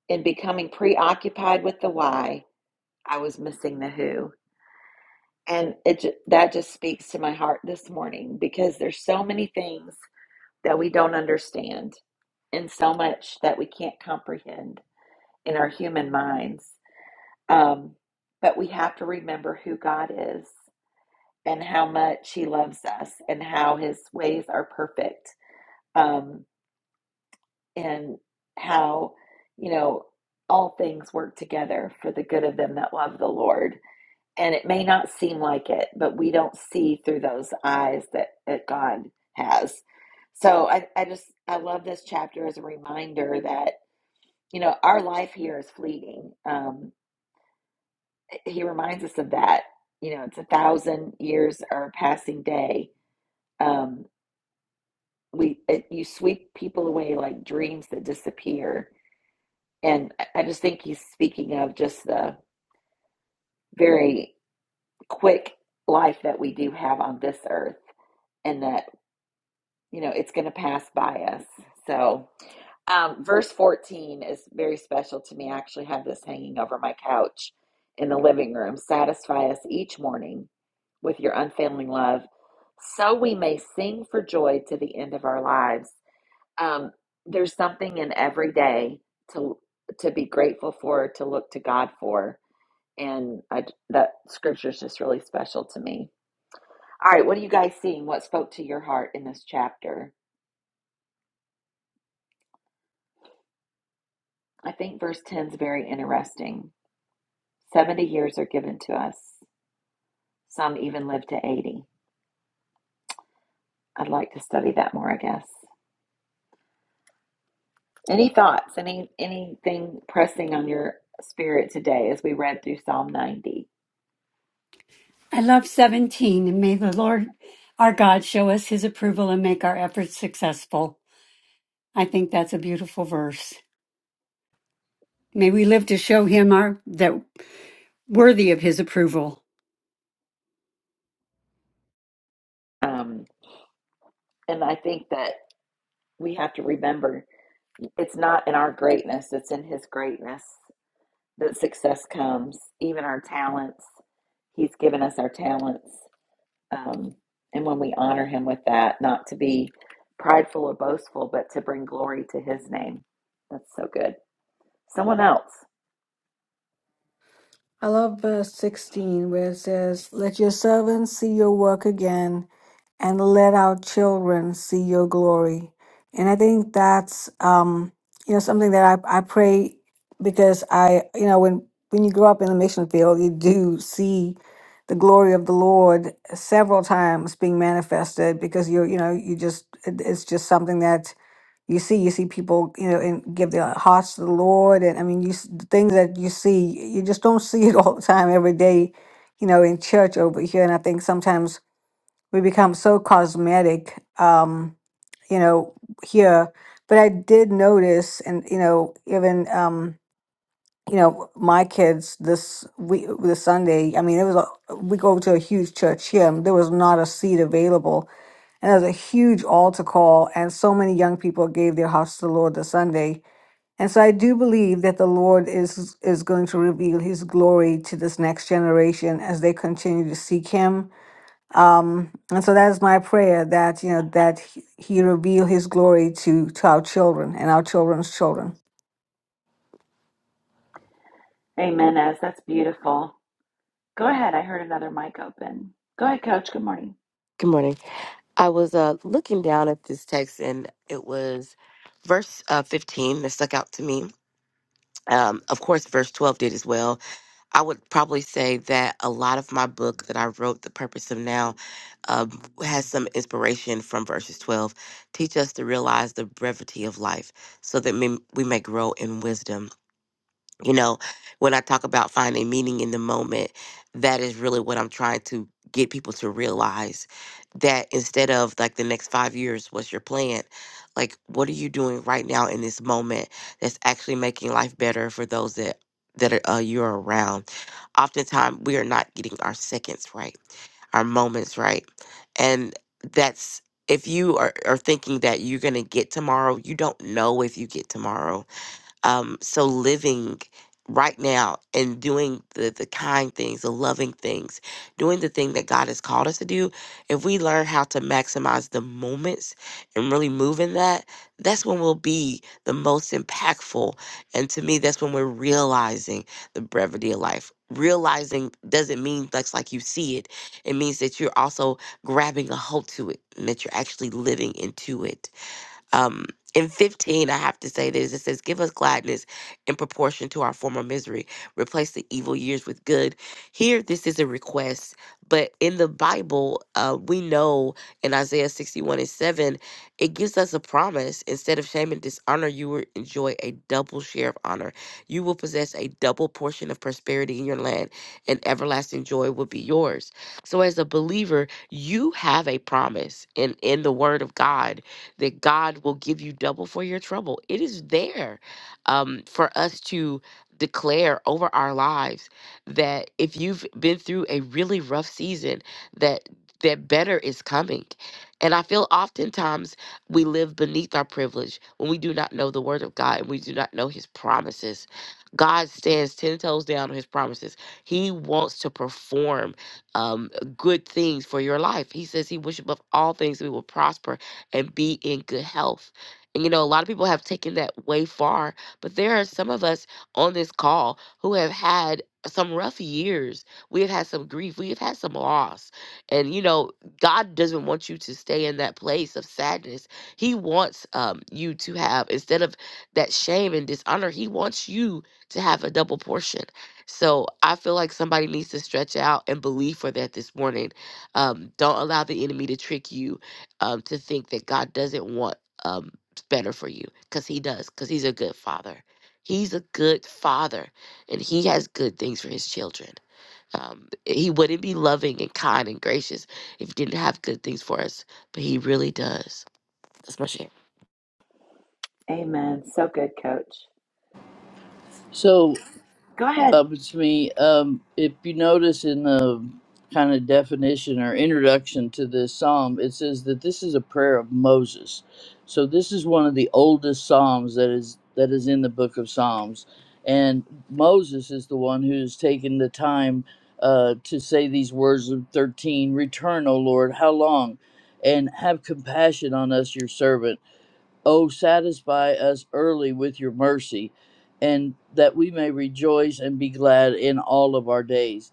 S1: In becoming preoccupied with the why, I was missing the who. And it that just speaks to my heart this morning because there's so many things that we don't understand in so much that we can't comprehend in our human minds. Um, but we have to remember who God is and how much He loves us and how His ways are perfect um, and how, you know, all things work together for the good of them that love the Lord. And it may not seem like it, but we don't see through those eyes that, that God has. So I, I just, I love this chapter as a reminder that you know, our life here is fleeting. Um, he reminds us of that. You know, it's a thousand years are a passing day. Um, we it, you sweep people away like dreams that disappear, and I just think he's speaking of just the very quick life that we do have on this earth, and that you know it's going to pass by us. So. Um, verse 14 is very special to me. I actually have this hanging over my couch in the living room. Satisfy us each morning with your unfailing love, so we may sing for joy to the end of our lives. Um, there's something in every day to to be grateful for, to look to God for, and I, that scripture is just really special to me. All right, what are you guys seeing? What spoke to your heart in this chapter? I think verse 10 is very interesting. 70 years are given to us. Some even live to 80. I'd like to study that more, I guess. Any thoughts? Any anything pressing on your spirit today as we read through Psalm 90?
S8: I love 17, and may the Lord our God show us his approval and make our efforts successful. I think that's a beautiful verse. May we live to show him our that worthy of his approval.
S1: Um, and I think that we have to remember It's not in our greatness, it's in His greatness that success comes. Even our talents, He's given us our talents. Um, and when we honor Him with that, not to be prideful or boastful, but to bring glory to His name. That's so good. Someone else.
S3: I love verse 16 where it says, Let your servants see your work again, and let our children see your glory. And I think that's, um, you know, something that I, I pray because I, you know, when, when you grow up in the mission field, you do see the glory of the Lord several times being manifested because you're, you know, you just, it- it's just something that you see you see people you know and give their hearts to the lord and i mean you s- the things that you see you just don't see it all the time every day you know in church over here and i think sometimes we become so cosmetic um you know here but i did notice and you know even um you know my kids this week this sunday i mean it was a, we go to a huge church here and there was not a seat available and there's a huge altar call, and so many young people gave their hearts to the Lord this Sunday. And so I do believe that the Lord is is going to reveal His glory to this next generation as they continue to seek Him. Um, and so that is my prayer that you know that He He reveal His glory to to our children and our children's children.
S1: Amen, as that's beautiful. Go ahead. I heard another mic open. Go ahead, coach. Good morning.
S5: good morning I was uh, looking down at this text, and it was verse uh, 15 that stuck out to me. Um, of course, verse 12 did as well. I would probably say that a lot of my book that I wrote, The Purpose of Now, um, has some inspiration from verses 12. Teach us to realize the brevity of life so that we we may grow in wisdom you know, when I talk about finding meaning in the moment, that is really what I'm trying to get people to realize that instead of like the next five years, what's your plan? Like, what are you doing right now in this moment that's actually making life better for those that that are, uh, you're around? Oftentimes, we are not getting our seconds right, our moments right, and that's if you are, are thinking that you're gonna get tomorrow, you don't know if you get tomorrow um, so living right now and doing the, the kind things, the loving things, doing the thing that God has called us to do, if we learn how to maximize the moments and really move in that, that's when we'll be the most impactful. And to me, that's when we're realizing the brevity of life. Realizing doesn't mean that's like you see it. It means that you're also grabbing a hold to it and that you're actually living into it um, in 15, I have to say this it says, Give us gladness in proportion to our former misery, replace the evil years with good. Here, this is a request, but in the Bible, uh, we know in Isaiah 61 and 7, it gives us a promise. Instead of shame and dishonor, you will enjoy a double share of honor. You will possess a double portion of prosperity in your land, and everlasting joy will be yours. So, as a believer, you have a promise in, in the Word of God that God will give you double for your trouble. It is there um, for us to declare over our lives that if you've been through a really rough season, that that better is coming. And I feel oftentimes we live beneath our privilege when we do not know the word of God and we do not know his promises. God stands 10 toes down on his promises. He wants to perform um, good things for your life. He says he wishes above all things we will prosper and be in good health. And you know, a lot of people have taken that way far, but there are some of us on this call who have had some rough years. We have had some grief. We have had some loss. And you know, God doesn't want you to stay in that place of sadness. He wants um, you to have, instead of that shame and dishonor, He wants you to have a double portion. So I feel like somebody needs to stretch out and believe for that this morning. Um, don't allow the enemy to trick you um, to think that God doesn't want um, better for you because He does, because He's a good father. He's a good father and He has good things for His children. Um, he wouldn't be loving and kind and gracious if He didn't have good things for us, but He really does. That's my share.
S1: Amen. So good, coach.
S7: So.
S1: Go ahead.
S7: up to me. Um, if you notice in the kind of definition or introduction to this psalm, it says that this is a prayer of Moses. So this is one of the oldest psalms that is that is in the book of Psalms, and Moses is the one who's taken the time uh, to say these words of thirteen: "Return, O Lord, how long?" And have compassion on us, your servant O, satisfy us early with your mercy, and that we may rejoice and be glad in all of our days.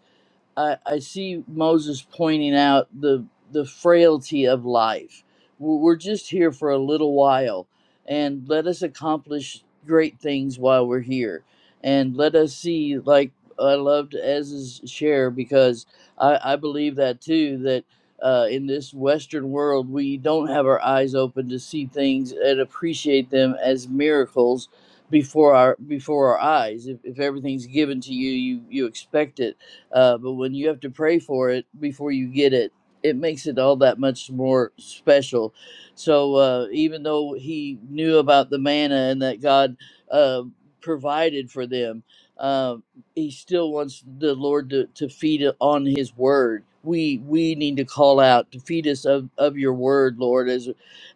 S7: I, I see Moses pointing out the the frailty of life. We're we're just here for a little while, and let us accomplish great things while we're here, and let us see. Like I loved Ez's share because I, I believe that too. That uh, in this Western world, we don't have our eyes open to see things and appreciate them as miracles before our before our eyes. If, if everything's given to you, you you expect it uh, but when you have to pray for it before you get it, it makes it all that much more special. So uh, even though he knew about the manna and that God uh, provided for them, um, he still wants the Lord to, to feed it on his word. We we need to call out to feed us of, of your word, Lord, as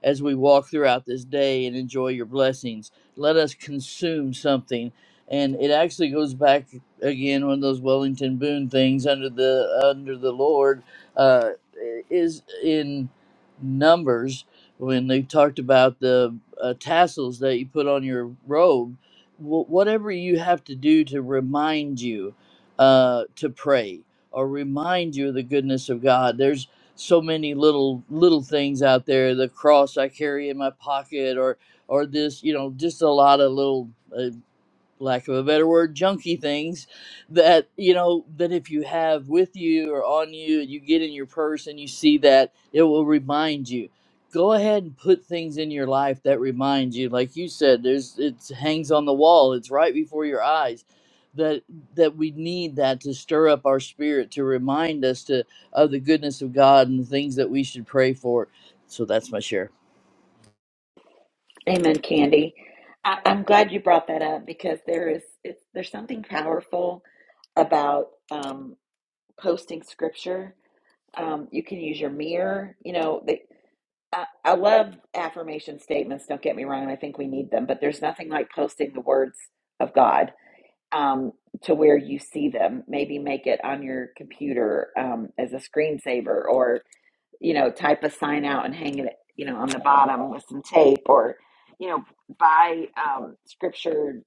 S7: as we walk throughout this day and enjoy your blessings. Let us consume something. And it actually goes back again one of those Wellington Boone things under the under the Lord uh, is in Numbers when they talked about the uh, tassels that you put on your robe. Wh- whatever you have to do to remind you uh, to pray or remind you of the goodness of God. There's so many little little things out there. The cross I carry in my pocket, or or this, you know, just a lot of little. uh, lack of a better word, junky things that you know that if you have with you or on you, you get in your purse and you see that, it will remind you. Go ahead and put things in your life that remind you, like you said, there's it hangs on the wall, it's right before your eyes. That that we need that to stir up our spirit to remind us to of the goodness of God and the things that we should pray for. So that's my share.
S1: Amen, Candy. I, I'm glad you brought that up because there is it, there's something powerful about um, posting scripture. Um, you can use your mirror. You know, the, I, I love affirmation statements. Don't get me wrong; I think we need them, but there's nothing like posting the words of God um, to where you see them. Maybe make it on your computer um, as a screensaver, or you know, type a sign out and hang it, you know, on the bottom with some tape or, you know, buy um, scripture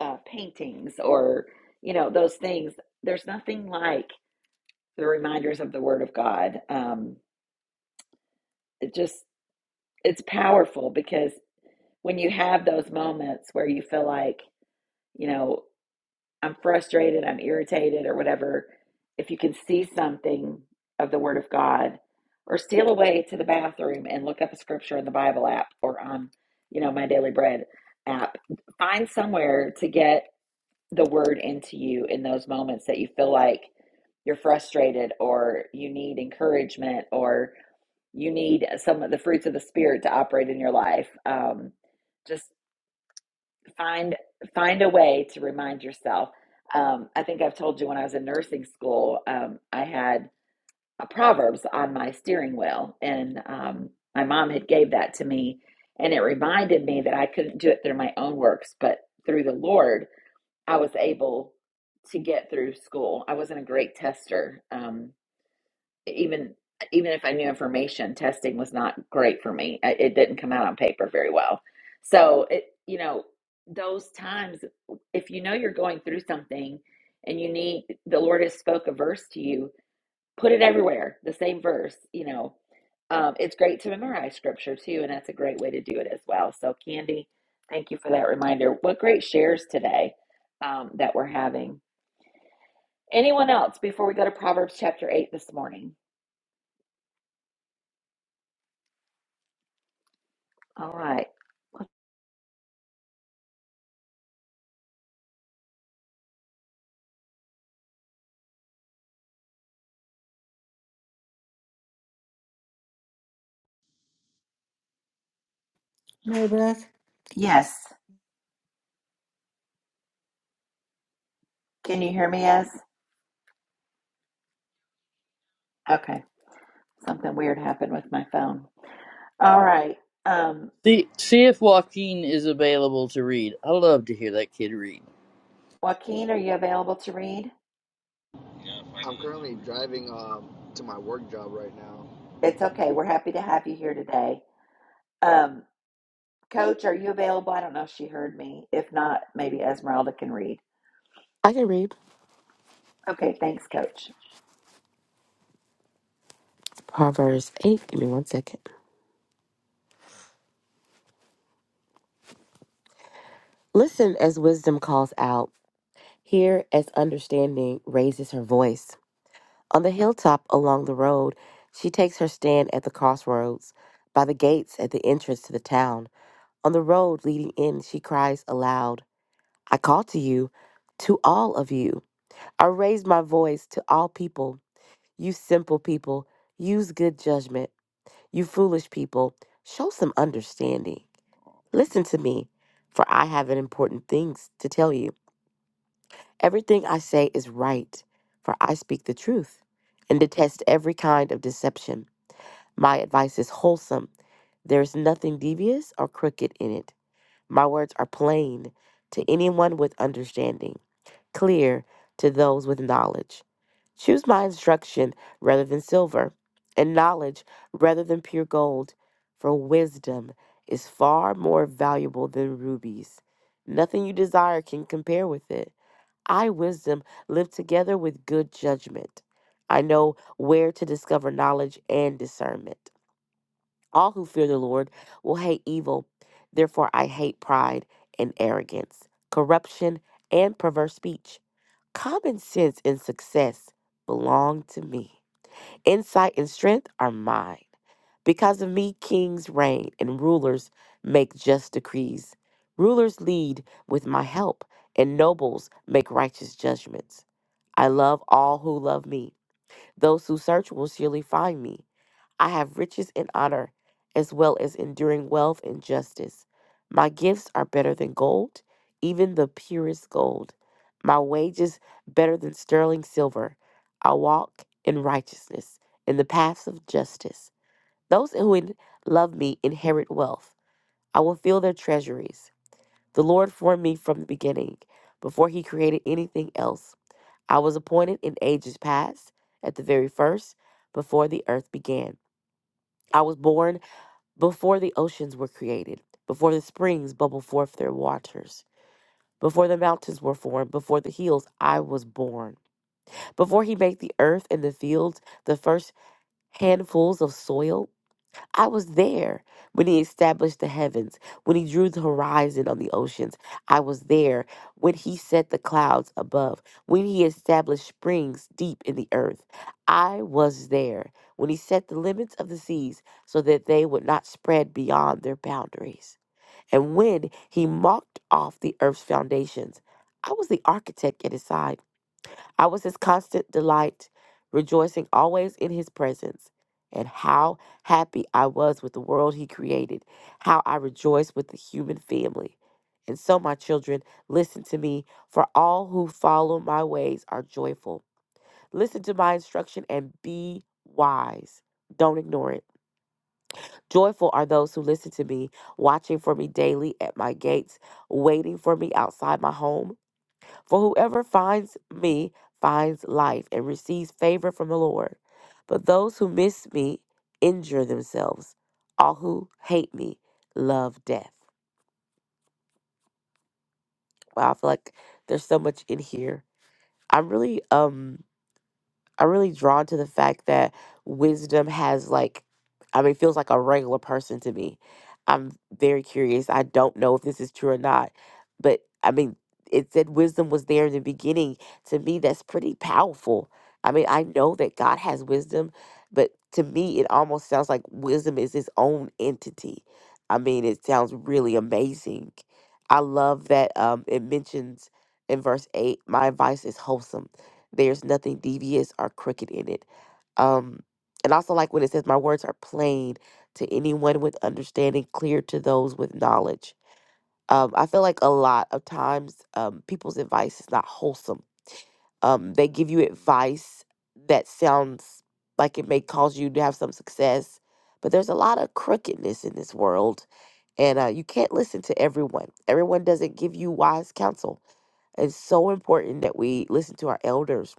S1: uh, paintings or, you know, those things. There's nothing like the reminders of the Word of God. Um, it just, it's powerful because when you have those moments where you feel like, you know, I'm frustrated, I'm irritated, or whatever, if you can see something of the Word of God, or steal away to the bathroom and look up a scripture in the Bible app or on, you know, my Daily Bread app, find somewhere to get the Word into you in those moments that you feel like you're frustrated or you need encouragement or you need some of the fruits of the Spirit to operate in your life. Um, just find find a way to remind yourself um, i think i've told you when i was in nursing school um, i had a proverbs on my steering wheel and um, my mom had gave that to me and it reminded me that i couldn't do it through my own works but through the lord i was able to get through school i wasn't a great tester Um, even even if I knew information, testing was not great for me. I- It didn't come out on paper very well. So it, you know, those times, if you know you're going through something and you need the Lord has spoke a verse to you, put it everywhere, the same verse. You know, um, it's great to memorize scripture too, and that's a great way to do it as well. So, Candy, thank you for that reminder. What great shares today um, that we're having. Anyone else before we go to Proverbs chapter eight this morning? All right. Yes. Can you hear me, Ez? Okay. Something weird happened with my phone. All right. Um,
S7: See, see if Joaquin is available to read. I love to hear that kid read.
S1: Joaquin, are you available to read?
S9: Yeah, finally. I'm currently driving um, to my work job right now.
S1: It's okay. We're happy to have you here today. Um, Coach, are you available? I don't know if she heard me. If not, maybe Esmeralda can read.
S5: I can read
S1: Okay. Thanks, Coach.
S5: Proverbs 8. Give me one second. Listen as wisdom calls out, hear as understanding raises her voice. On the hilltop along the road, she takes her stand at the crossroads, by the gates at the entrance to the town. On the road leading in, she cries aloud, I call to you, to all of you. I raise my voice to all people. You simple people, use good judgment. You foolish people, show some understanding. Listen to me, for I have important things to tell you. Everything I say is right, for I speak the truth and detest every kind of deception. My advice is wholesome. There is nothing devious or crooked in it. My words are plain to anyone with understanding, clear to those with knowledge. Choose my instruction rather than silver, and knowledge rather than pure gold, for wisdom is far more valuable than rubies. Nothing you desire can compare with it. I, wisdom, live together with good judgment. I know where to discover knowledge and discernment. All who fear the Lord will hate evil. Therefore, I hate pride and arrogance, corruption and perverse speech. Common sense and success belong to me. Insight and strength are mine. Because of me, kings reign and rulers make just decrees. Rulers lead with my help, and nobles make righteous judgments. I love all who love me. Those who search will surely find me. I have riches and honor, as well as enduring wealth and justice. My gifts are better than gold, even the purest gold. My wages better than sterling silver. I walk in righteousness, in the paths of justice. Those who in- love me inherit wealth. I will fill their treasuries. The Lord formed me from the beginning, before he created anything else. I was appointed in ages past, at the very first, before the earth began. I was born before the oceans were created, before the springs bubbled forth their waters, before the mountains were formed, before the hills I was born, before he made the earth and the fields, the first handfuls of soil, I was there when he established the heavens, when he drew the horizon on the oceans. I was there when he set the clouds above, when he established springs deep in the earth. I was there when he set the limits of the seas so that they would not spread beyond their boundaries. And when he marked off the earth's foundations, I was the architect at his side. I was his constant delight, rejoicing always in his presence. And how happy I was with the world he created, how I rejoiced with the human family. And so, my children, listen to me, for all who follow my ways are joyful. Listen to my instruction and be wise. Don't ignore it. Joyful are those who listen to me, watching for me daily at my gates, waiting for me outside my home. For whoever finds me finds life and receives favor from the Lord. But those who miss me injure themselves. All who hate me love death. Wow, I feel like there's so much in here. I'm really um I'm really drawn to the fact that wisdom has like I mean feels like a regular person to me. I'm very curious. I don't know if this is true or not, but I mean it said wisdom was there in the beginning. To me that's pretty powerful. I mean, I know that God has wisdom, but to me it almost sounds like wisdom is its own entity. I mean, it sounds really amazing. I love that um it mentions in verse 8, my advice is wholesome there's nothing devious or crooked in it. Um, and also like when it says, My words are plain to anyone with understanding, clear to those with knowledge. Um, I feel like a lot of times um, people's advice is not wholesome. Um, they give you advice that sounds like it may cause you to have some success, but there's a lot of crookedness in this world. And uh, you can't listen to everyone. Everyone doesn't give you wise counsel. It's so important that we listen to our elders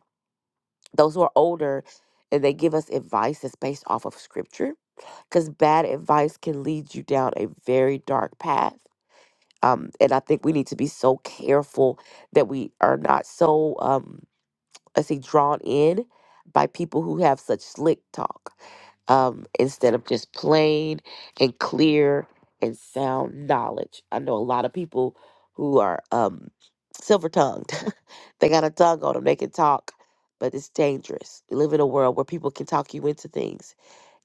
S5: those who are older and they give us advice that's based off of scripture because bad advice can lead you down a very dark path um, and i think we need to be so careful that we are not so um, let's say, drawn in by people who have such slick talk um, instead of just plain and clear and sound knowledge. I know a lot of people who are um, silver tongued, they got a tongue on them, they can talk, but it's dangerous. We live in a world where people can talk you into things,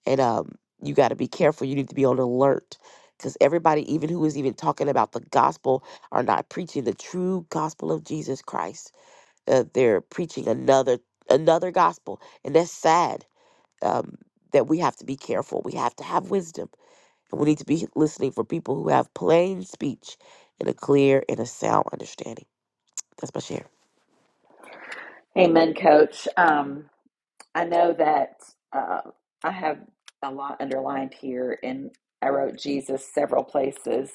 S5: and um, you got to be careful. You need to be on alert. Because everybody, even who is even talking about the gospel, are not preaching the true gospel of Jesus Christ uh, they're preaching another another gospel and that's sad um, that we have to be careful we have to have wisdom and we need to be listening for people who have plain speech and a clear and a sound understanding that's my share
S1: Amen, Coach. Um, I know that uh, I have a lot underlined here, and I wrote Jesus several places.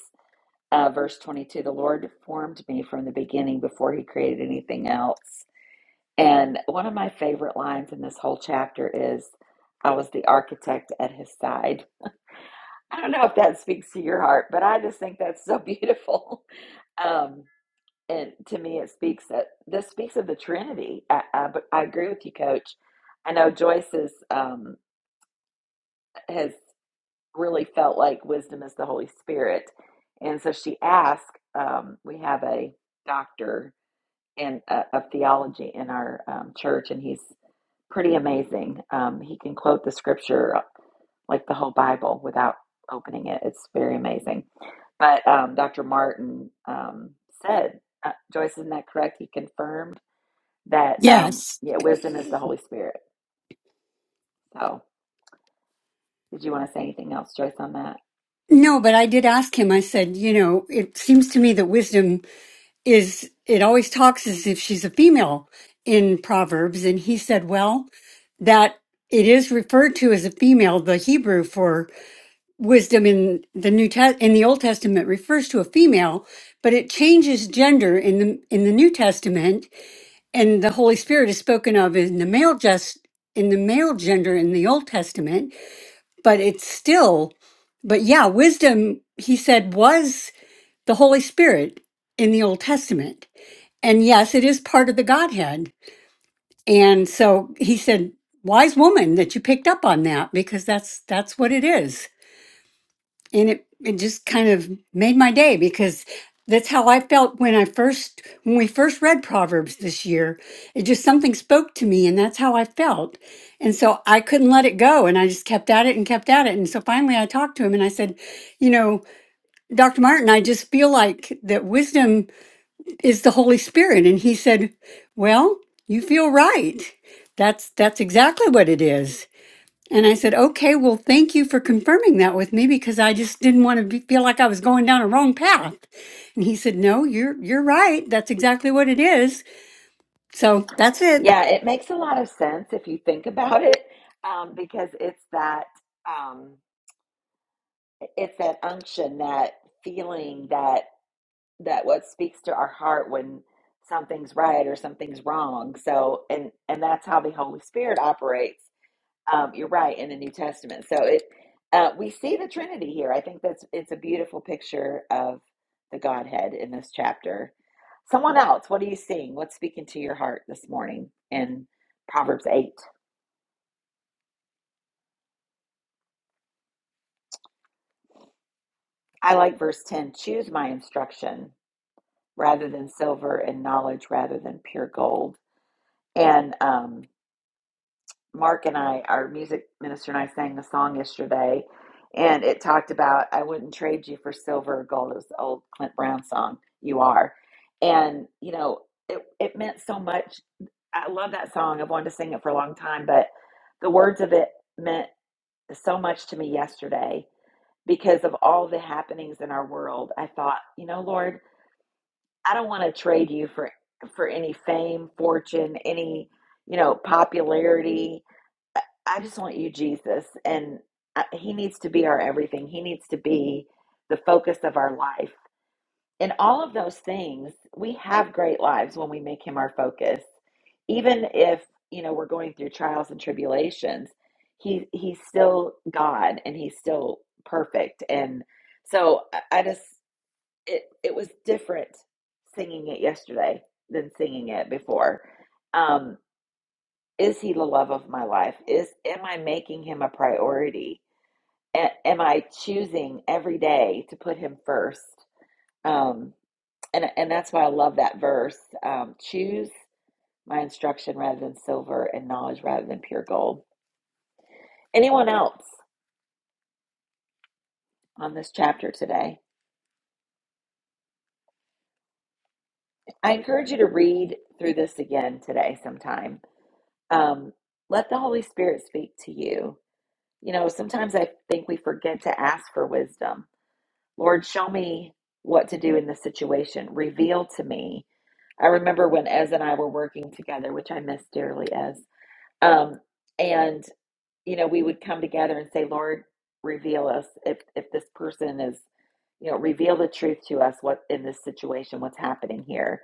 S1: Uh, verse 22 The Lord formed me from the beginning before he created anything else. And one of my favorite lines in this whole chapter is I was the architect at his side. I don't know if that speaks to your heart, but I just think that's so beautiful. um, and to me, it speaks that this speaks of the Trinity. I, I, but I agree with you, Coach. I know Joyce's. Um, has really felt like wisdom is the Holy Spirit. And so she asked, um, we have a doctor in uh, of theology in our um, church, and he's pretty amazing. Um, he can quote the scripture uh, like the whole Bible without opening it. It's very amazing. But um, Dr. Martin um, said, uh, Joyce, isn't that correct? He confirmed that um,
S8: Yes.
S1: yeah, wisdom is the Holy Spirit. So, did you want to say anything else, Joyce, on that?
S8: No, but I did ask him, I said, you know, it seems to me that wisdom is, it always talks as if she's a female in Proverbs. And he said, well, that it is referred to as a female, the Hebrew for wisdom in the new Test in the old testament refers to a female but it changes gender in the in the new testament and the holy spirit is spoken of in the male just in the male gender in the old testament but it's still but yeah wisdom he said was the holy spirit in the old testament and yes it is part of the godhead and so he said wise woman that you picked up on that because that's that's what it is and it it just kind of made my day because that's how I felt when I first when we first read Proverbs this year. It just something spoke to me and that's how I felt. And so I couldn't let it go and I just kept at it and kept at it. And so finally I talked to him and I said, you know, Dr. Martin, I just feel like that wisdom is the Holy Spirit. And he said, Well, you feel right. That's that's exactly what it is. And I said, okay, well, thank you for confirming that with me because I just didn't want to be, feel like I was going down a wrong path. And he said, no, you're, you're right. That's exactly what it is. So that's it.
S1: Yeah, it makes a lot of sense if you think about it, um, because it's that um, it's that unction, that feeling that that what speaks to our heart when something's right or something's wrong. So, and and that's how the Holy Spirit operates. Um, you're right in the New Testament. So it uh, we see the Trinity here. I think that's it's a beautiful picture of the Godhead in this chapter. Someone else, what are you seeing? What's speaking to your heart this morning? in Proverbs 8. I like verse 10 choose my instruction rather than silver and knowledge rather than pure gold. And um, Mark and I, our music minister, and I sang a song yesterday, and it talked about I wouldn't trade you for silver or gold. It was the old Clint Brown song, You Are. And, you know, it, it meant so much. I love that song. I've wanted to sing it for a long time, but the words of it meant so much to me yesterday because of all the happenings in our world. I thought, you know, Lord, I don't want to trade you for for any fame, fortune, any, you know, popularity. I, I just want you, Jesus, and I, he needs to be our everything. He needs to be the focus of our life. In all of those things, we have great lives when we make him our focus. Even if, you know, we're going through trials and tribulations, he he's still God and he's still perfect. And so I I just it it was different singing it yesterday than singing it before. Um, is he the love of my life? Is am I making him a priority? A- am I choosing every day to put him first? Um, and and that's why I love that verse. Um, choose my instruction rather than silver, and knowledge rather than pure gold. Anyone else on this chapter today? I encourage you to read through this again today sometime Um, let the Holy Spirit speak to you. You know, sometimes I think we forget to ask for wisdom. Lord, show me what to do in this situation. Reveal to me. I remember when Ez and I were working together, which I miss dearly, Ez. Um, and you know, we would come together and say, Lord, reveal us if if this person is, you know, reveal the truth to us what in this situation, what's happening here.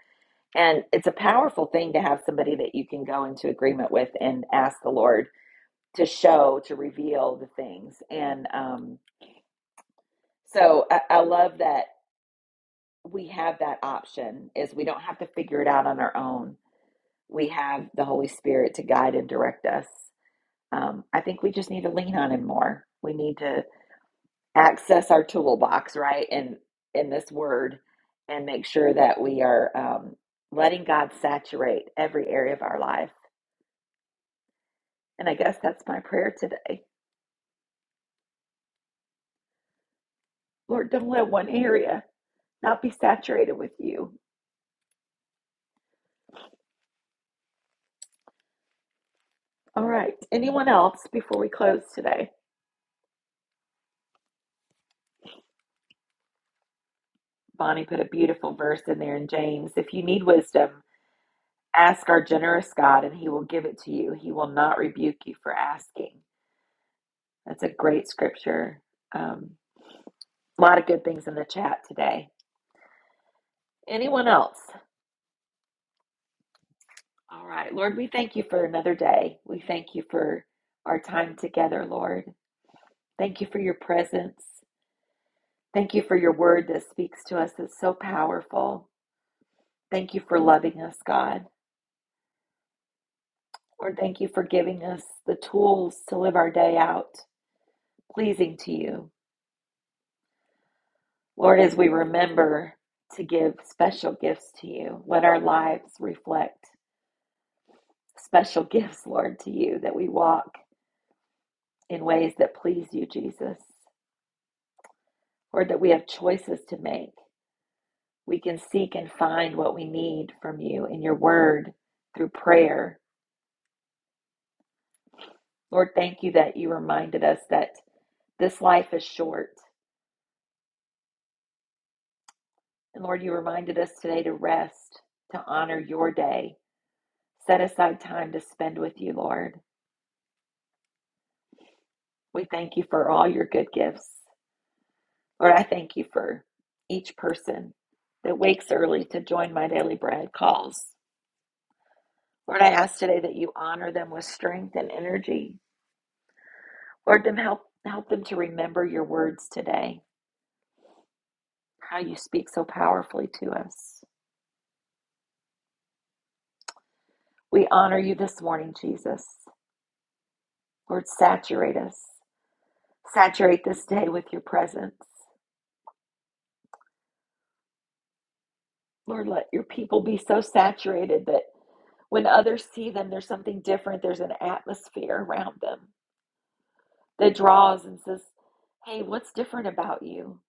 S1: And it's a powerful thing to have somebody that you can go into agreement with and ask the Lord to show to reveal the things and um, so I, I love that we have that option is we don't have to figure it out on our own we have the holy spirit to guide and direct us um, i think we just need to lean on him more we need to access our toolbox right and in this word and make sure that we are um, letting god saturate every area of our life and i guess that's my prayer today lord don't let one area not be saturated with you All right. Anyone else before we close today? Bonnie put a beautiful verse in there in James. If you need wisdom, ask our generous God and he will give it to you. He will not rebuke you for asking. That's a great scripture. Um, a lot of good things in the chat today. Anyone else? All right. Lord, we thank you for another day. We thank you for our time together, Lord. Thank you for your presence. Thank you for your word that speaks to us. It's so powerful. Thank you for loving us, God. Lord, thank you for giving us the tools to live our day out pleasing to you. Lord, as we remember to give special gifts to you, let our lives reflect special gifts, Lord, to you, that we walk in ways that please you, Jesus. Lord, that we have choices to make. We can seek and find what we need from you in your word through prayer. Lord, thank you that you reminded us that this life is short And Lord, you reminded us today to rest, to honor your day. Set aside time to spend with you, Lord. We thank you for all your good gifts. Lord, I thank you for each person that wakes early to join my daily bread calls. Lord, I ask today that you honor them with strength and energy. Lord, them help help them to remember your words today, how you speak so powerfully to us. We honor you this morning, Jesus. Lord, saturate us. Saturate this day with your presence. Lord, let your people be so saturated that when others see them, there's something different. There's an atmosphere around them that draws and says, Hey, what's different about you?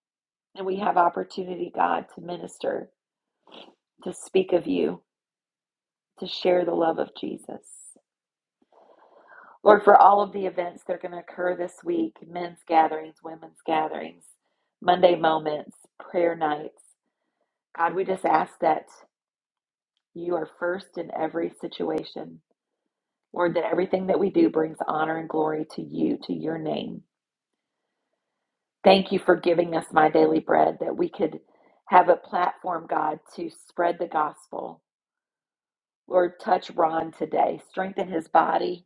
S1: And we have opportunity, God, to minister, to speak of you, to share the love of Jesus. Lord, for all of the events that are going to occur this week men's gatherings, women's gatherings, Monday moments, prayer nights God, we just ask that you are first in every situation Lord, that everything that we do brings honor and glory to you, to your name. Thank you for giving us my daily bread that we could have a platform, God, to spread the gospel. Lord, touch Ron today. Strengthen his body.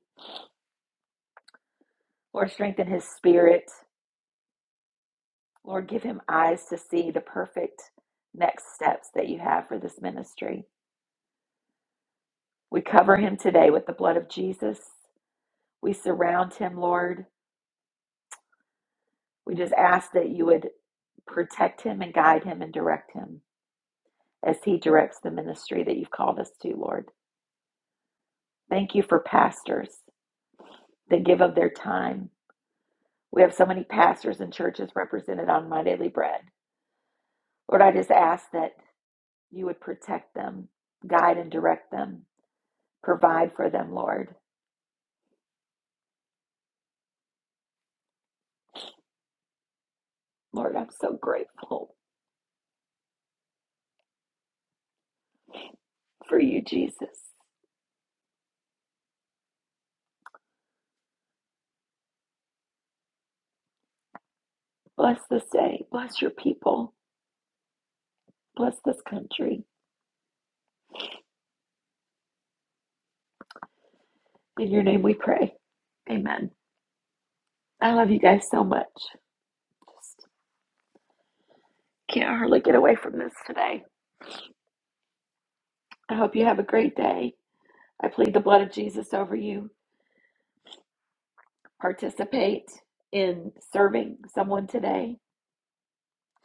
S1: Lord, strengthen his spirit. Lord, give him eyes to see the perfect next steps that you have for this ministry. We cover him today with the blood of Jesus. We surround him, Lord. We just ask that you would protect him and guide him and direct him. as he directs the ministry that you've called us to, Lord. Thank you for pastors that give of their time. We have so many pastors and churches represented on My Daily Bread. Lord, I just ask that you would protect them, guide and direct them, provide for them, Lord. Lord, I'm so grateful for you, Jesus. Bless this day. Bless your people. Bless this country. In your name we pray. Amen. I love you guys so much. Just can't hardly get away from this today. I hope you have a great day. I plead the blood of Jesus over you. Participate in serving someone today,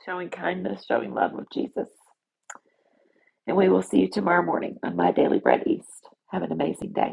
S1: showing kindness, showing love of Jesus. And we will see you tomorrow morning on My Daily Bread East. Have an amazing day.